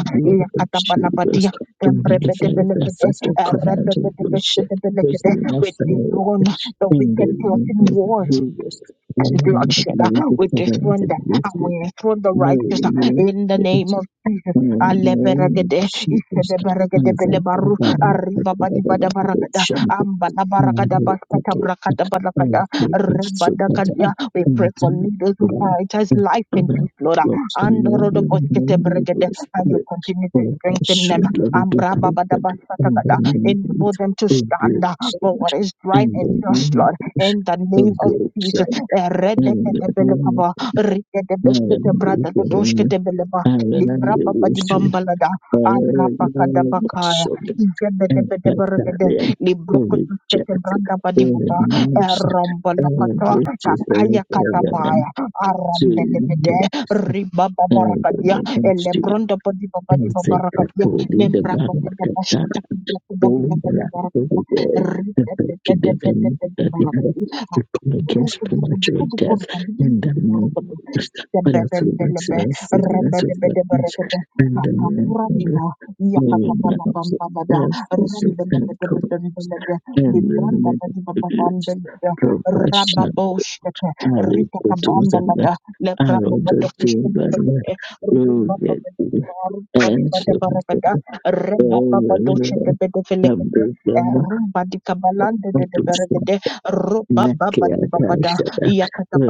C: of
A: we dethrone the wicked plotting war and bloodshed. uh, We dethrone them and we enthrone the righteous uh, in the
C: Thank you.
A: name of Jesus.
C: And the moment
A: Aleberegede, ishedeberegede belebaru, arribabadibadabaragada, ambalabaragadabaskatabrakadabalakada, rebadakadia. We pray for leaders who prioritize life and peace, Lord. uh, Andorodoboshketebregede, And you continue to strengthen them. Ambrababadabasakagada. Enable them to stand uh, for what is right and just, Lord in the name
C: of
A: of
C: growth,
A: Jesus.
C: and
A: Eredekatebelekaba, Rikedebesketebrada Dodoshketebeleba, Librababa di
C: the Thank you.
A: librababadibambalada, arabakadabakaya, izebedebedeberegede, librokotusketebradabadibuba, erombolokata, kakayakatabaya, arombelebede, ribababarakadia, elebrondabadibabadibabarakadia, membrakadebashkatakibrakadabelekadibarakadia, rikedebedebedebedebaradia,
C: Against premature
A: Kudukudukudukudukur,
C: death
A: and
C: in the name
A: the
C: of but also that's
A: Debedembelebe,
C: the sickness of the
A: rebedebedebedebe,
C: and
A: kakapura
C: the
A: diba,
C: Many
A: yakakabala
C: animals
A: bambabada,
C: have physical and colors,
A: rembelebedebedembelebe,
C: and
A: libranda
C: manipulates
A: badibababambelebe,
C: professional
A: rababoshkete,
C: early photos and
A: rikakabambalada,
C: are on the thing that
A: lebrababadokishketelekete,
C: loaded
A: rubababadibaba,
C: and something
A: rubadibadabarabada,
C: very
A: rebababadoshketebedefelekete, eh,
C: abnormal Otusa
A: rumbadikabalandedebedebede,
C: Nakia
A: rubababadibabada,
C: Tashara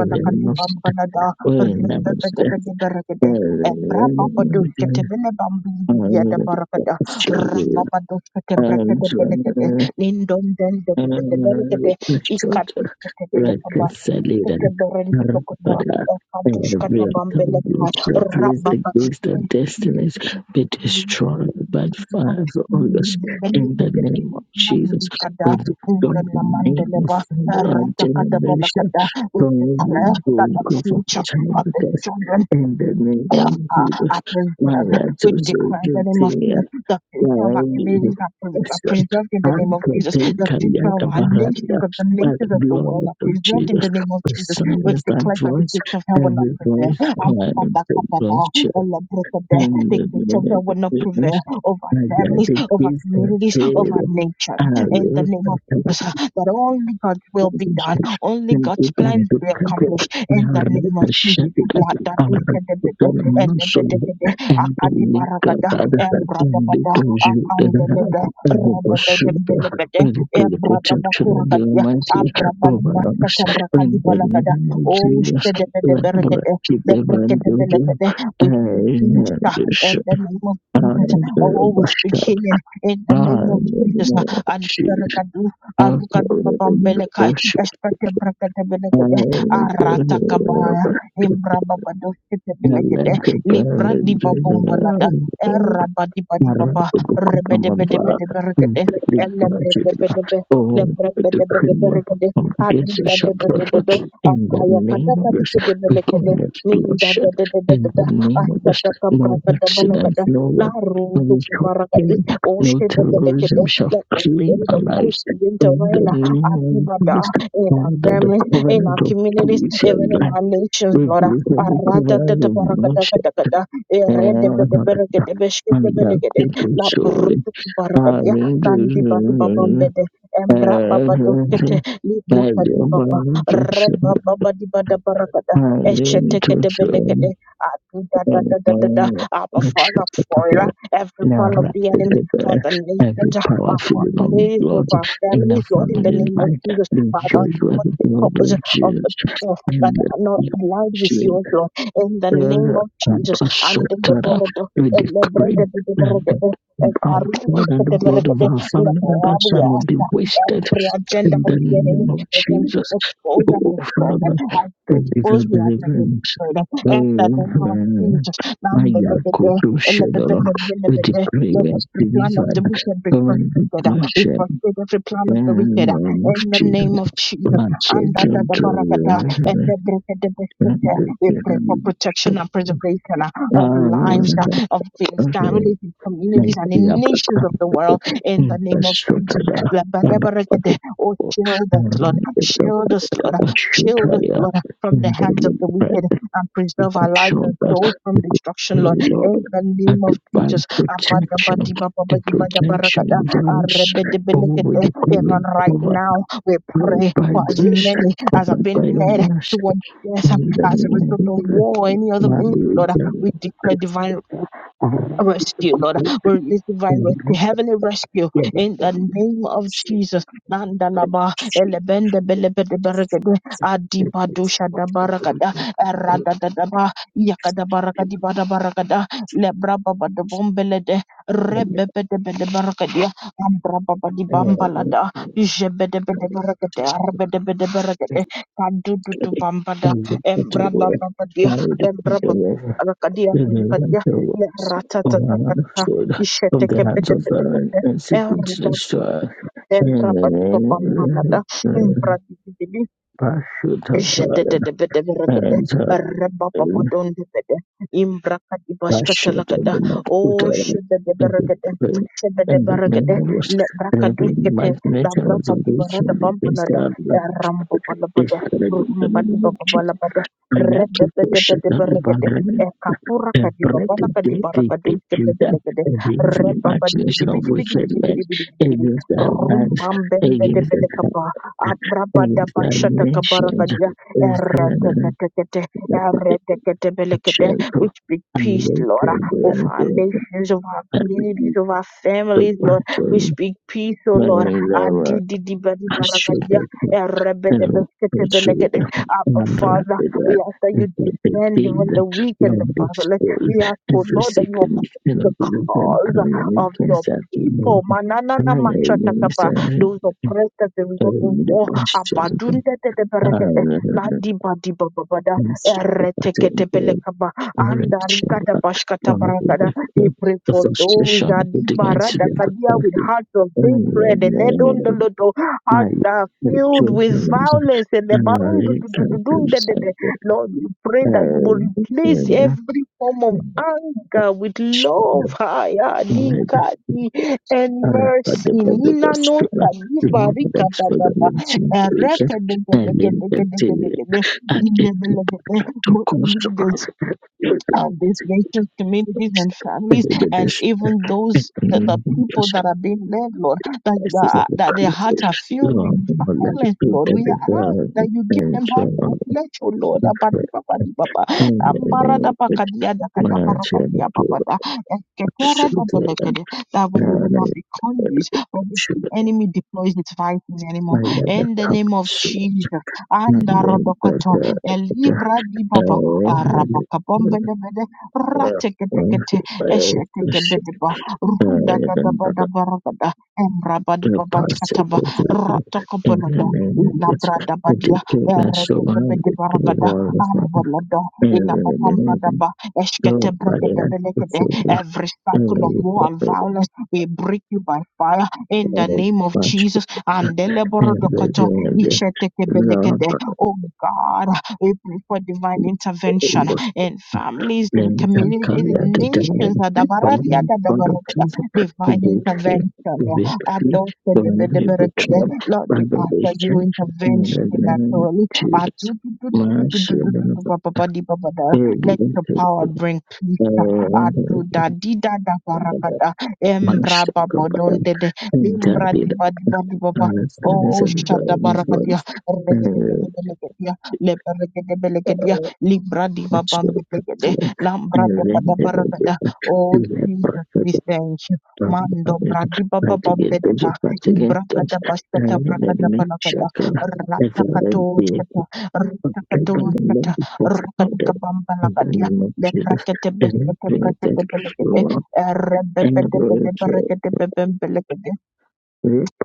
A: bamba kadibambalada,
C: Williams
A: Rebebebebebebebe, eh, brababadoshketebelebambilibiliyadabarakada, rababadoshketebrekedebelekede,
C: and
A: nindondendebebebebelekede,
C: Pashota
A: ikadishketebelekaba,
C: reconciliated
A: isketeberendebokoto,
C: Arvada every accomplished that with the gift of destinies be destroyed by fire on us in the name of Jesus with God the name of family and generation
A: we
C: from
A: declare
C: the
A: that the
C: God from
A: future
C: child
A: about the
C: because
A: children
C: in the name
A: uh,
C: of Jesus
A: I
C: now
A: preserve.
C: we are
A: We
C: to
A: declare in the
C: serve
A: name of
C: you
A: Jesus the future of our
C: Yahweh
A: communities are, pres are
C: yourself
A: preserved in the name
C: and
A: of Jesus. The
C: contain
A: future of
C: the
A: our
C: Bahanda
A: nations, of the
C: by
A: nations
C: the
A: of the world
C: blood
A: are
C: of
A: preserved in
C: Jesus.
A: the name of
C: We
A: Jesus. We
C: silence that
A: declare that the
C: voice,
A: gates of hell will not
C: every
A: prevail.
C: voice
A: And
C: crying
A: Father,
C: the
A: Kabada,
C: gospel.
A: Allah, break of death,
C: And
A: The gates of hell will not prevail over
C: I
A: families, over
C: dedicate the
A: communities,
C: prayer.
A: over nature. In the name of
C: I
A: Jesus, uh, that only God's will be
C: the
A: done, only God's plans be accomplished. In the name of Jesus. La da do se de de de elebedebede akadibaragada embradabada akandelebe radebedembelebede
C: protection of the
A: embradabakuragadia
C: Almighty over us in the
A: abrabadibaskatabrakadibalagada
C: name of
A: oh
C: Jesus. Let me
A: shedebedeberegede
C: keep the evangelism
A: lebrekedebelebede we speak
C: and
A: peace uh,
C: the
A: in the name of Jesus oh we speak
C: Bashar
A: healing in the name of
C: and the
A: Jesus
C: Lord Jesus.
A: alberegadu
C: and the
A: arukadibabambeleka
C: Lord I
A: espetebrekedebelebede
C: like
A: aratakabaya imbrababadosketebelegede
C: to
A: libra di babombalada
C: burn.
A: eraba di badi baba rebede bede
C: Marabukumamba,
A: bede berekede
C: very
A: ele bede
C: Brajibra,
A: bede be
C: oh,
A: lebre
C: the
A: bede bede
C: cream of
A: berekede adi
C: against the
A: da da da da
C: shepherd,
A: da da
C: in the
A: akaya kada
C: name of
A: kadi
C: this,
A: kede
C: before
A: belekede
C: this
A: ninda
C: bloodshed,
A: da da da da
C: in
A: da
C: the
A: da
C: name of this,
A: asata kabra
C: no
A: kada
C: accident,
A: balakada
C: no
A: la
C: rob- no
A: rudu kubarakadi
C: killing, no
A: oshe da da da da da
C: terrorism shall
A: let the
C: claim
A: spirit
C: our
A: of truth
C: lives,
A: begin to
C: in
A: reign
C: the
A: uh, adi
C: name of
A: bada
C: this,
A: in our
C: under the
A: family in
C: covenant
A: our
C: of
A: communities
C: peace
A: even
C: and
A: in
C: life,
A: our nations Lord
C: rebuke every covenant of bloodshed
A: Aradadadabarakadakadakada,
C: and I got
A: eredebedeberekedebeshketebelegede,
C: people sorry. I
A: labrudukubarakadia,
C: didn't just remember.
A: nandibababambede,
C: I didn't
A: embrababadoskete,
C: just I
A: librakadibaba, rebababadibadabarakada,
C: didn't just
A: eshetekedebelegede, adudadadadadada. Abba, Father, foiler every plan of the enemy for the nations,
C: Every power
A: uh, for our
C: feeling of
A: communities, for
C: God
A: our
C: in
A: families,
C: the
A: Lord, in the
C: family
A: name of
C: life,
A: Jesus, Father,
C: rejoice with
A: what
C: the
A: the
C: blood
A: purpose
C: of
A: of the people that are not aligned with
C: Jesus.
A: yours, Lord. In the name
C: prayer
A: of
C: and
A: Jesus.
C: Pastor
A: And in the
C: Tara,
A: Borodo,
C: we
A: and the
C: decree
A: bread of the
C: that the
A: Beregede, and
C: our
A: the root
C: blood and
A: of
C: the
A: the
C: blood of
A: Beregede,
C: our
A: let
C: family members
A: every
C: shall not be
A: aspect,
C: wasted
A: every agenda
C: in
A: of
C: the
A: the enemy
C: name of
A: against to
C: Jesus.
A: expose and
C: Oh,
A: destroy them.
C: Father,
A: As you
C: thank you for
A: expose, we have to
C: deliverance.
A: destroy them. In the name of
C: Oh,
A: Jesus.
C: my
A: And the
C: Yaakov,
A: Lebede, and the Lebede,
C: Shadala,
A: and
C: we
A: the Lebede,
C: decree
A: let
C: we are
A: every plan of the
C: delivered
A: wicked be
C: from the
A: frustrated. We
C: bloodshed
A: frustrate every plan of the wicked
C: and the name of
A: in the name
C: Jesus.
A: of Jesus.
C: Not so gentle,
A: And and
C: and
A: the breath of the spirit.
C: the
A: We pray for
C: enemy.
A: protection and preservation uh, of
C: Lord,
A: lives, uh,
C: At
A: of things, families, and communities, and in nations of the world. In the name of Jesus, Labadabarakade. oh shield us, Lord, shield us, Lord, shield us, Lord, from the hands of the wicked, and preserve our lives and souls from destruction, Lord. In the name of
C: the bank
A: Jesus,
C: protection, the protection
A: Abadabadibababadibabarakada.
C: is on us, over
A: Arebedebelekede.
C: the
A: even
C: covenant
A: right now, we
C: covered
A: pray
C: by
A: for as
C: grace,
A: many as have
C: covered by
A: been
C: your
A: led
C: mercy,
A: Towards death um,
C: in the
A: as a
C: name of
A: result of war or any other means, Lord. uh,
C: the Lord,
A: We declare divine
C: my
A: rescue, Lord.
C: Lord,
A: We release divine rescue,
C: Mhm.
A: heavenly rescue
C: Yeah, but
A: in
C: but
A: the name of
C: she
A: Jesus.
C: like,
A: Nandalaba
C: she
A: elebende belebede
C: defeats
A: beregede
C: it. It-
A: adibado
C: it's not the
A: shadabaragada
C: reason for it.
A: eradadadaba yakadabaragadi badabaragada lebrababadabambelede rebebedebede baragadia ambrababadi
C: And I don't know,
A: bambalada jebedebede beregede arbedebede beregede
C: it's
A: kadududu
C: like,
A: bambada
C: um, what do you want?
A: embrababadia
C: Why did I do
A: embrabab
C: that? This is not the words of an
A: Ratatatatata,
C: Understood of the hands of the
A: Ishetekebedebedekebe,
C: institutes destroyed. and seeking to
A: Erda,
C: destroy
A: Embrabadibabambalada,
C: and Pashuta
A: Oh, shada de baragade,
C: Russia to the Lord, put out and we pray
A: shada
C: in
A: de
C: the name
A: baragade,
C: of us.
A: le
C: And every
A: bracaduskete, la
C: imagination of the
A: bracadibarada
C: wicked against
A: bambalada,
C: our life
A: rambo
C: is
A: balabada,
C: heard in the
A: rumba di
C: name of Jesus.
A: babalabada,
C: I had to
A: rebebede
C: push it
A: bede
C: on the
A: baragade,
C: banana
A: e kakura
C: and break
A: kadibabala
C: the day they take
A: kadibarakaduskete
C: you down.
A: belegade,
C: Every evil
A: rebaba di bidi
C: imagination of
A: bidi bidi
C: wicked
A: bidi
C: men
A: bidi bidi bidi,
C: against our lives,
A: rumbam
C: against
A: bembede
C: our,
A: abrabada
C: against our
A: bashata
C: nations,
A: kabarakadia
C: is heard in the name
A: ereketekete
C: of
A: ereketekete
C: Jesus.
A: we speak
C: And
A: peace
C: we pray
A: lord
C: in
A: of
C: the
A: our
C: answer of
A: nations of our
C: it.
A: communities of our
C: the
A: families lord we
C: person
A: speak peace O lord
C: wearing rubber
A: adidi
C: should
A: barakadia
C: and
A: erebede beskete
C: it should
A: belekete
C: and
A: Abba
C: after
A: Father we
C: that
A: ask that you
C: is that they
A: defend
C: feed
A: even the
C: the
A: weak and the
C: long
A: fatherless
C: school
A: we ask O
C: every
A: lord that you
C: second
A: uphold
C: you know
A: the
C: the that
A: cause
C: primary
A: of your
C: against that
A: people
C: remove
A: manana
C: primary against that
A: those oppressed as a result of
C: and
A: war.
C: the
A: Abadunde de de berekete, la
C: question
A: di ba di ba ba ba da,
C: the
A: eretekete
C: pattern for
A: belekaba,
C: direction
A: andarikata bashkata
C: from
A: barakada.
C: the
A: We pray
C: the
A: for those
C: frustration of the divine
A: adibarada
C: city of
A: kadia with
C: the
A: hearts of hatred and
C: and
A: ledondolodo, hearts
C: like
A: that are
C: the
A: filled with
C: children
A: violence and the
C: and uh, it can be said,
A: barundudududundedede.
C: uh,
A: Lord, we pray that you will replace every form of anger, with love, haya,
C: uh,
A: di,
C: uh,
A: kadi and mercy. Nina no
C: Rapadabadabastura,
A: shadiba rika
C: Lambdas for the
A: dadaba.
C: Runcing
A: Ereka
C: Wicket,
A: dege
C: and
A: dege
C: in
A: dege
C: the
A: dege
C: period
A: dege de.
C: at the
A: Indebele
C: to cost of
A: dege of these nations, communities, and families, and even those the, the people that are being led, Lord, that the, that their hearts are filled with
C: Long,
A: violence, Lord. We ask that you give
C: and
A: them
C: so
A: hearts of
C: on.
A: flesh, O Lord. Abadibabadibaba,
C: In the name of Manasseh and Judah,
A: ambaradabakadiadakadabarakadiababada,
C: and
A: esketeredebelekede, That would- they will not be conduits for which the
C: Judah,
A: enemy deploys its vices anymore.
C: I am the
A: In the
C: cup
A: name of
C: sword.
A: Jesus,
C: And then the
A: and arabakabombelebele rateketekete
C: the
A: eshetekebeleba
C: the
A: rudagadabadabaragada
C: the
A: emrabadibabashkataba
C: possibility in the
A: ratokobolodo
C: name of this
A: ilabradabadia
C: particular surrounded to the
A: eretekebelebaragada
C: wall of and
A: ambolodo
C: the name
A: ilabapambadaba
C: of nobody has
A: eshketebrekedebelekede every cycle of
C: to
A: war and
C: figure
A: violence we break you by fire in the
C: very
A: name of
C: much
A: Jesus and
C: in the grand love
A: Oh God, we pray for divine intervention
C: of
A: in families, in
C: in the
A: communities,
C: color
A: in
C: the
A: nations.
C: diamond
A: Adabaradia,
C: on the
A: dadabarada,
C: truth the
A: Divine
C: big fish
A: intervention.
C: the big fish the only
A: Adoshedebedebedebede.
C: butcher
A: Lord,
C: by
A: we
C: the
A: ask for
C: butcher
A: your
C: in
A: intervention
C: the name of
A: naturally.
C: Jesus my son of a
A: Let
C: alien,
A: your power bring
C: uh,
A: aduda dida da barakada
C: my
A: embra babodon
C: shepherd
A: dede
C: and
A: limbra
C: David
A: diba diba diba ba
C: understands
A: Oh, shada
C: everybody's
A: barakadia,
C: voice
A: regedebelegedia,
C: and
A: leberegedebelegedia, libra diba
C: Thank
A: bambelegede, lambra
C: you.
A: deba da barakada. Oh, Jesus, we thank you. Mando bradiba baba bedeba, ibraka da bashkata brakada balakada, ratakato shkata, ratakato shkata, rakadika Lebrakete belekete brakete belekete. Erebebede bede brekete bebembelekete.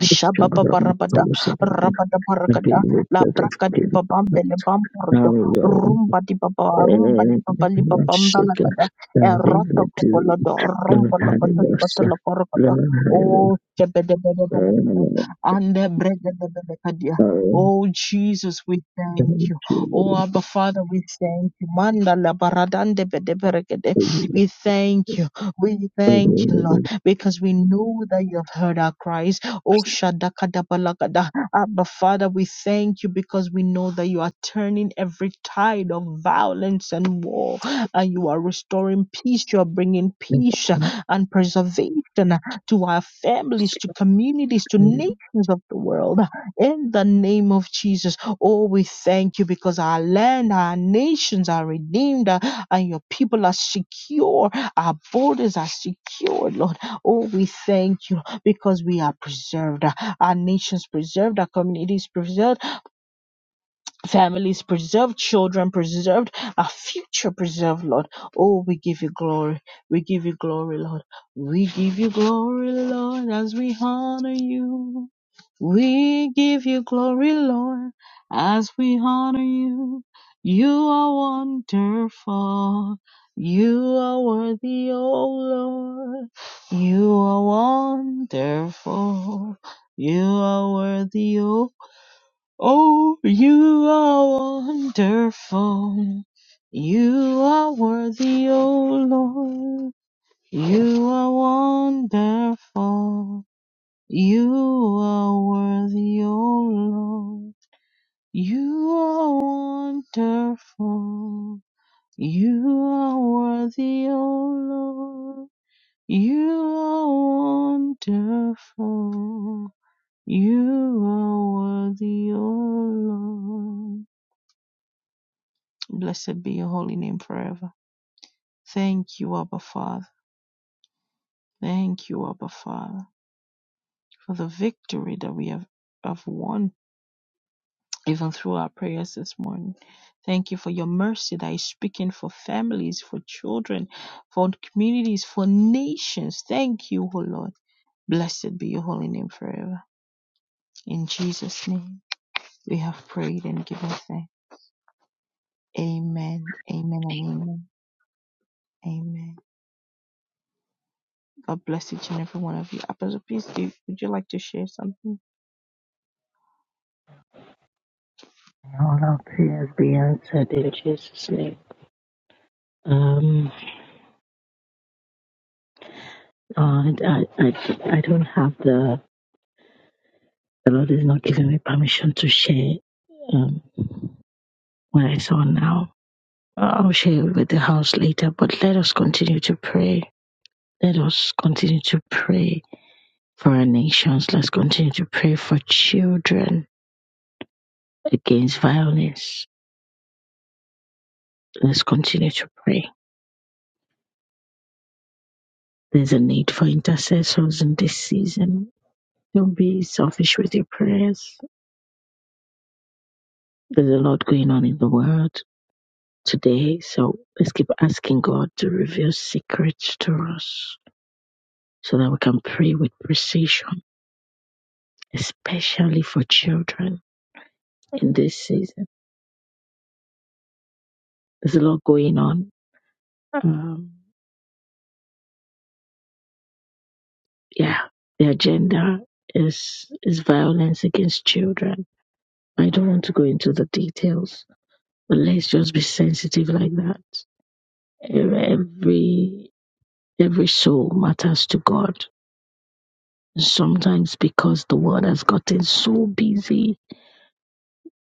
A: Shababa Shababarabada Rabada barakada la Labraka di Babambele Bampurdo Rumba di Baba Rumba di
C: worship
A: Baba Liba Bambalagada
C: the
A: Erota
C: to
A: Kopolodo
C: Lord
A: Rumba Lokoto
C: Hallelujah.
A: Skotolo Korokado
C: Lord
A: Oh
C: Hallelujah.
A: Shebede Bede Balagada
C: Hallelujah.
A: and Brega de Belekadia
C: Hallelujah.
A: Oh Jesus, we thank
C: Thank
A: you.
C: you
A: Oh
C: Lord,
A: Abba Father, we thank you. Manda la baradande bede beregede.
C: for your
A: We thank you. We thank
C: favor.
A: you, Lord, because we know that you have heard our cries Oh, Shadakadabalagada. Abba, Father, we thank you because we know that you are turning every tide of violence and war, and you are restoring peace. You are bringing
C: Thank
A: peace uh, and preservation uh, to our families, to communities, to
C: you.
A: nations of the world. In the name of Jesus, oh, we thank you because our land, our nations are redeemed, uh, and your people are secure. Our borders are secured, Lord. Oh, we thank you because we are preserved, our nations preserved, our communities preserved, families preserved, children preserved, our future preserved, Lord. Oh, we give you glory. We give you glory, Lord. We give you glory, Lord, as we honor you. We give you glory, Lord, as we honor you. You are wonderful. You are worthy, O Lord. You are wonderful. You are worthy, O Oh, you are wonderful. You are worthy, O Lord. You are wonderful. You are worthy, O Lord. You are wonderful. You are worthy, O Lord. You are wonderful. You are worthy, O Lord. Blessed be your holy name forever. Thank you, Abba Father. Thank you, Abba Father, for the victory that we have, have won even through our prayers this morning. Thank you for your mercy that is speaking for families, for children, for communities, for nations. Thank you, O Lord. Blessed be your holy name forever. In Jesus' name, we have prayed and given thanks. Amen. Amen and amen. Amen. God bless each and every one of you. Apostle, please, do, would you like to share something?
C: all our prayers be answered in Jesus' name. Um, uh, I, I, I don't have the, the Lord is not giving me permission to share um, what I saw now. I'll share with the house later, but let us continue to pray Let us continue to pray for our nations. Let's continue to pray for children against violence. Let's continue to pray. There's a need for intercessors in this season. Don't be selfish with your prayers. There's a lot going on in the world today, so let's keep asking God to reveal secrets to us so that we can pray with precision, especially for children in this season. There's a lot going on. Um, yeah, the agenda is is violence against children. I don't want to go into the details, but let's just be sensitive like that. Every every soul matters to God. Sometimes because the world has gotten so busy,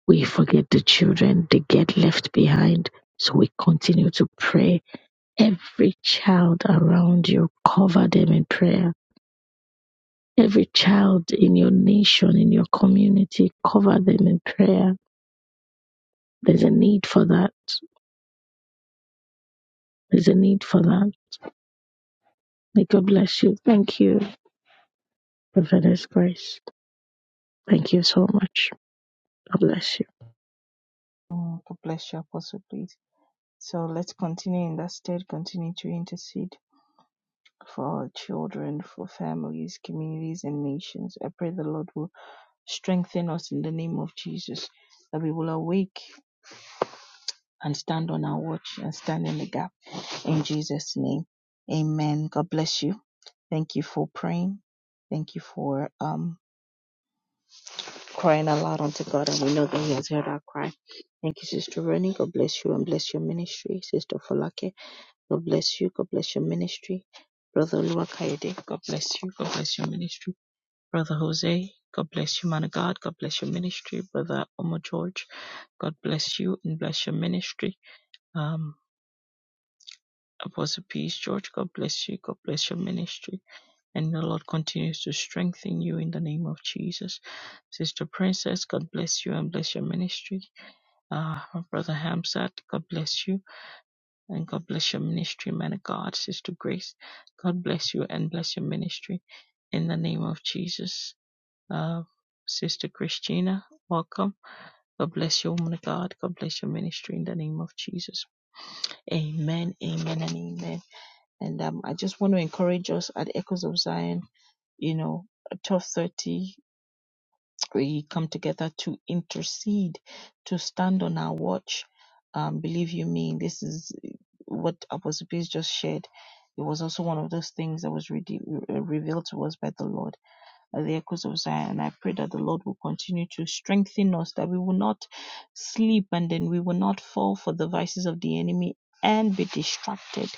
C: we forget the children, they get left behind. So we continue to pray. Every child around you, cover them in prayer every child in your nation, in your community, cover them in prayer. There's a need for that. There's a need for that. May God bless you. Thank you, Prophetess Grace. Thank you so much. God bless you.
A: Oh, God bless you, Apostle, please. So let's continue in that state, continue to intercede. for our children, for families, communities, and nations. I pray the Lord will strengthen us in the name of Jesus, that we will awake and stand on our watch and stand in the gap. In Jesus' name, amen. God bless you. Thank you for praying. Thank you for um, crying aloud unto God, and we know that He has heard our cry. Thank you, Sister Rennie. God bless you and bless your ministry. Sister Falake, God bless you. God bless your ministry. Brother Oluwakayede, God bless you. God bless your ministry. Brother Jose, God bless you, man of God. God bless your ministry. Brother Omo George, God bless you and bless your ministry. Um, Apostle Peace George, God bless you. God bless your ministry. And the Lord continues to strengthen you in the name of Jesus. Sister Princess, God bless you and bless your ministry. Uh, Brother Hamzat, God bless you and God bless your ministry, man of God. Sister Grace, God bless you and bless your ministry in the name of Jesus. Uh, Sister Christina, welcome. God bless you, woman of God. God bless your ministry in the name of Jesus. Amen, amen, and amen. And um, I just want to encourage us at Echoes of Zion, you know, at 12.30, we come together to intercede, to stand on our watch. Um, believe you me, this is what Apostle Peace just shared. It was also one of those things that was re- revealed to us by the Lord at the echoes of Zion. and I pray that the Lord will continue to strengthen us, that we will not sleep and then we will not fall for the vices of the enemy and be distracted.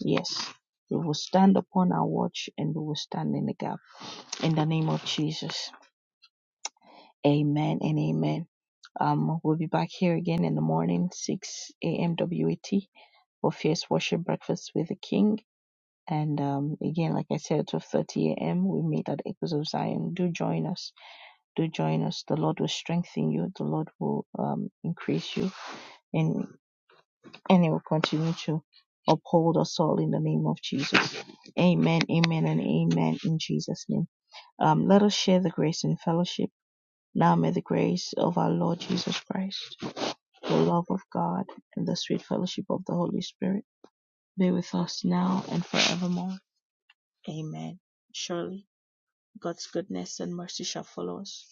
A: Yes, we will stand upon our watch and we will stand in the gap. In the name of Jesus. Amen and amen. Um, we'll be back here again in the morning, 6 a.m. WAT for Fierce Worship Breakfast with the King. And um, again, like I said, at 12:30 a.m., we meet at Echoes of Zion. Do join us do join us. The Lord will strengthen you. The Lord will um, increase you, and and He will continue to uphold us all in the name of Jesus. Amen. Amen. And amen. In Jesus' name. Um, let us share the grace and fellowship. Now may the grace of our Lord Jesus Christ, the love of God, and the sweet fellowship of the Holy Spirit be with us now and forevermore. Amen. Surely God's goodness and mercy shall follow us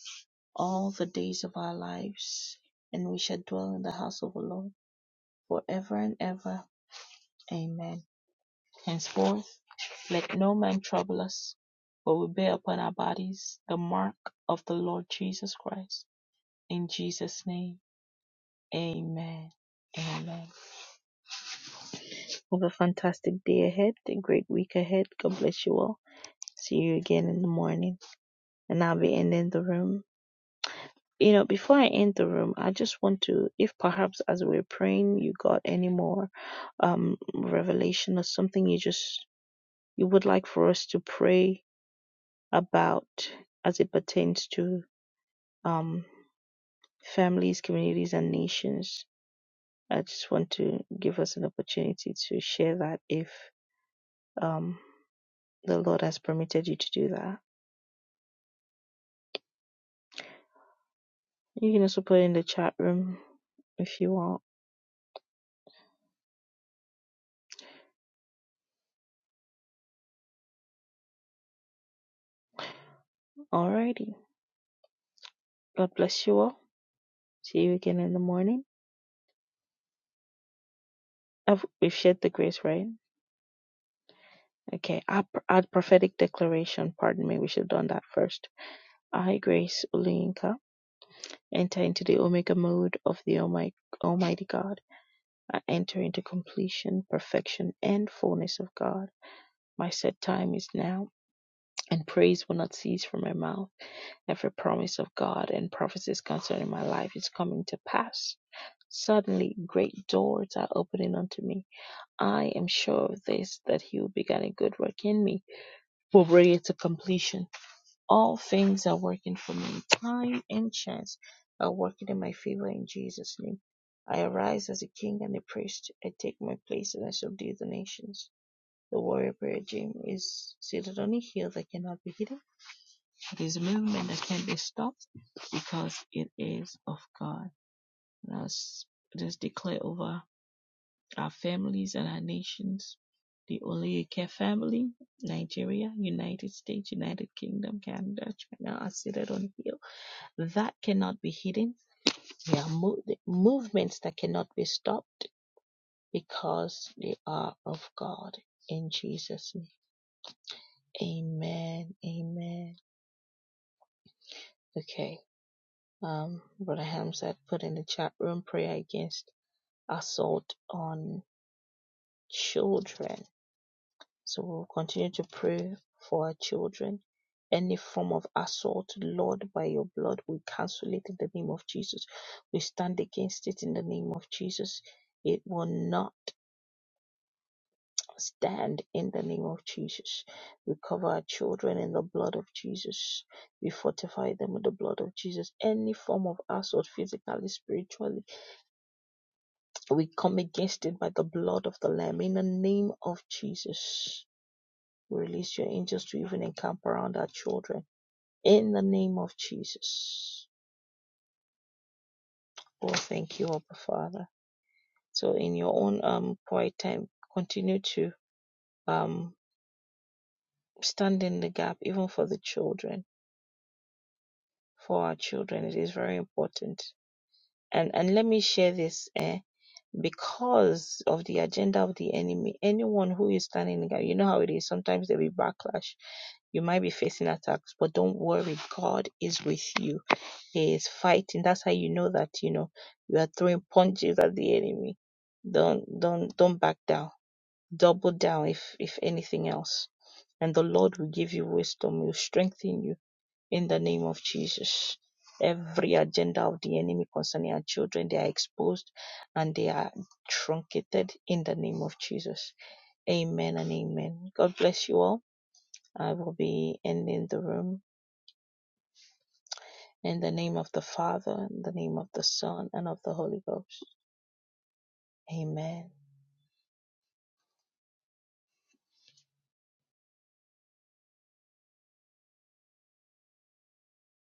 A: all the days of our lives, and we shall dwell in the house of the Lord forever and ever. Amen. Henceforth, let no man trouble us, for we bear upon our bodies the mark of the Lord Jesus Christ. In Jesus' name, amen. Amen. Have a fantastic day ahead, a great week ahead. God bless you all. See you again in the morning. And I'll be ending the room. you know, before I end the room, I just want to, if perhaps as we're praying, you got any more um, revelation or something you just you would like for us to pray about as it pertains to um, families, communities, and nations. I just want to give us an opportunity to share that if um, the Lord has permitted you to do that. You can also put it in the chat room if you want. Alrighty. God bless you all. See you again in the morning. I've, We've shared the grace, right? Okay, our, our prophetic declaration, pardon me, we should have done that first. I, Grace Ulinka, enter into the Omega mode of the Almighty, Almighty God. I enter into completion, perfection, and fullness of God. My set time is now, and praise will not cease from my mouth. Every promise of God and prophecies concerning my life is coming to pass. Suddenly, great doors are opening unto me. I am sure of this, that He will begin a good work in me will bring it to completion. All things are working for me. Time and chance are working in my favor in Jesus' name. I arise as a king and a priest. I take my place and I subdue the nations. The warrior prayer gym is seated on a hill that cannot be hidden. It is a movement that can't be stopped because it is of God. And I s- just declare over our families and our nations. The Oluyike family, Nigeria, United States, United Kingdom, Canada, China are seated on a hill. That cannot be hidden. There are mo- movements that cannot be stopped because they are of God. In Jesus' name. Amen. Amen. Okay. Um, Brother Hamzat put in the chat room prayer against assault on children. So we'll continue to pray for our children. Any form of assault, Lord, by your blood, we cancel it in the name of Jesus. We stand against it in the name of Jesus. It will not stand in the name of Jesus. We cover our children in the blood of Jesus. We fortify them with the blood of Jesus. Any form of assault, physically, spiritually, we come against it by the blood of the Lamb in the name of Jesus. Release your angels to even encamp around our children in the name of Jesus. Oh, thank you, Abba Father. So, in your own um quiet time, continue to um stand in the gap, even for the children, for our children. It is very important. And and let me share this. Eh. because of the agenda of the enemy. Anyone who is standing in the gap, you know how it is. Sometimes there will be backlash. You might be facing attacks, but don't worry. God is with you. He is fighting. That's how you know that you know you are throwing punches at the enemy. Don't don't don't back down. Double down if if anything else. And the Lord will give you wisdom. Will strengthen you in the name of Jesus. Every agenda of the enemy concerning our children, they are exposed and they are truncated in the name of Jesus. Amen and amen. God bless you all. I will be ending the room in the name of the Father, in the name of the Son, and of the Holy Ghost. Amen.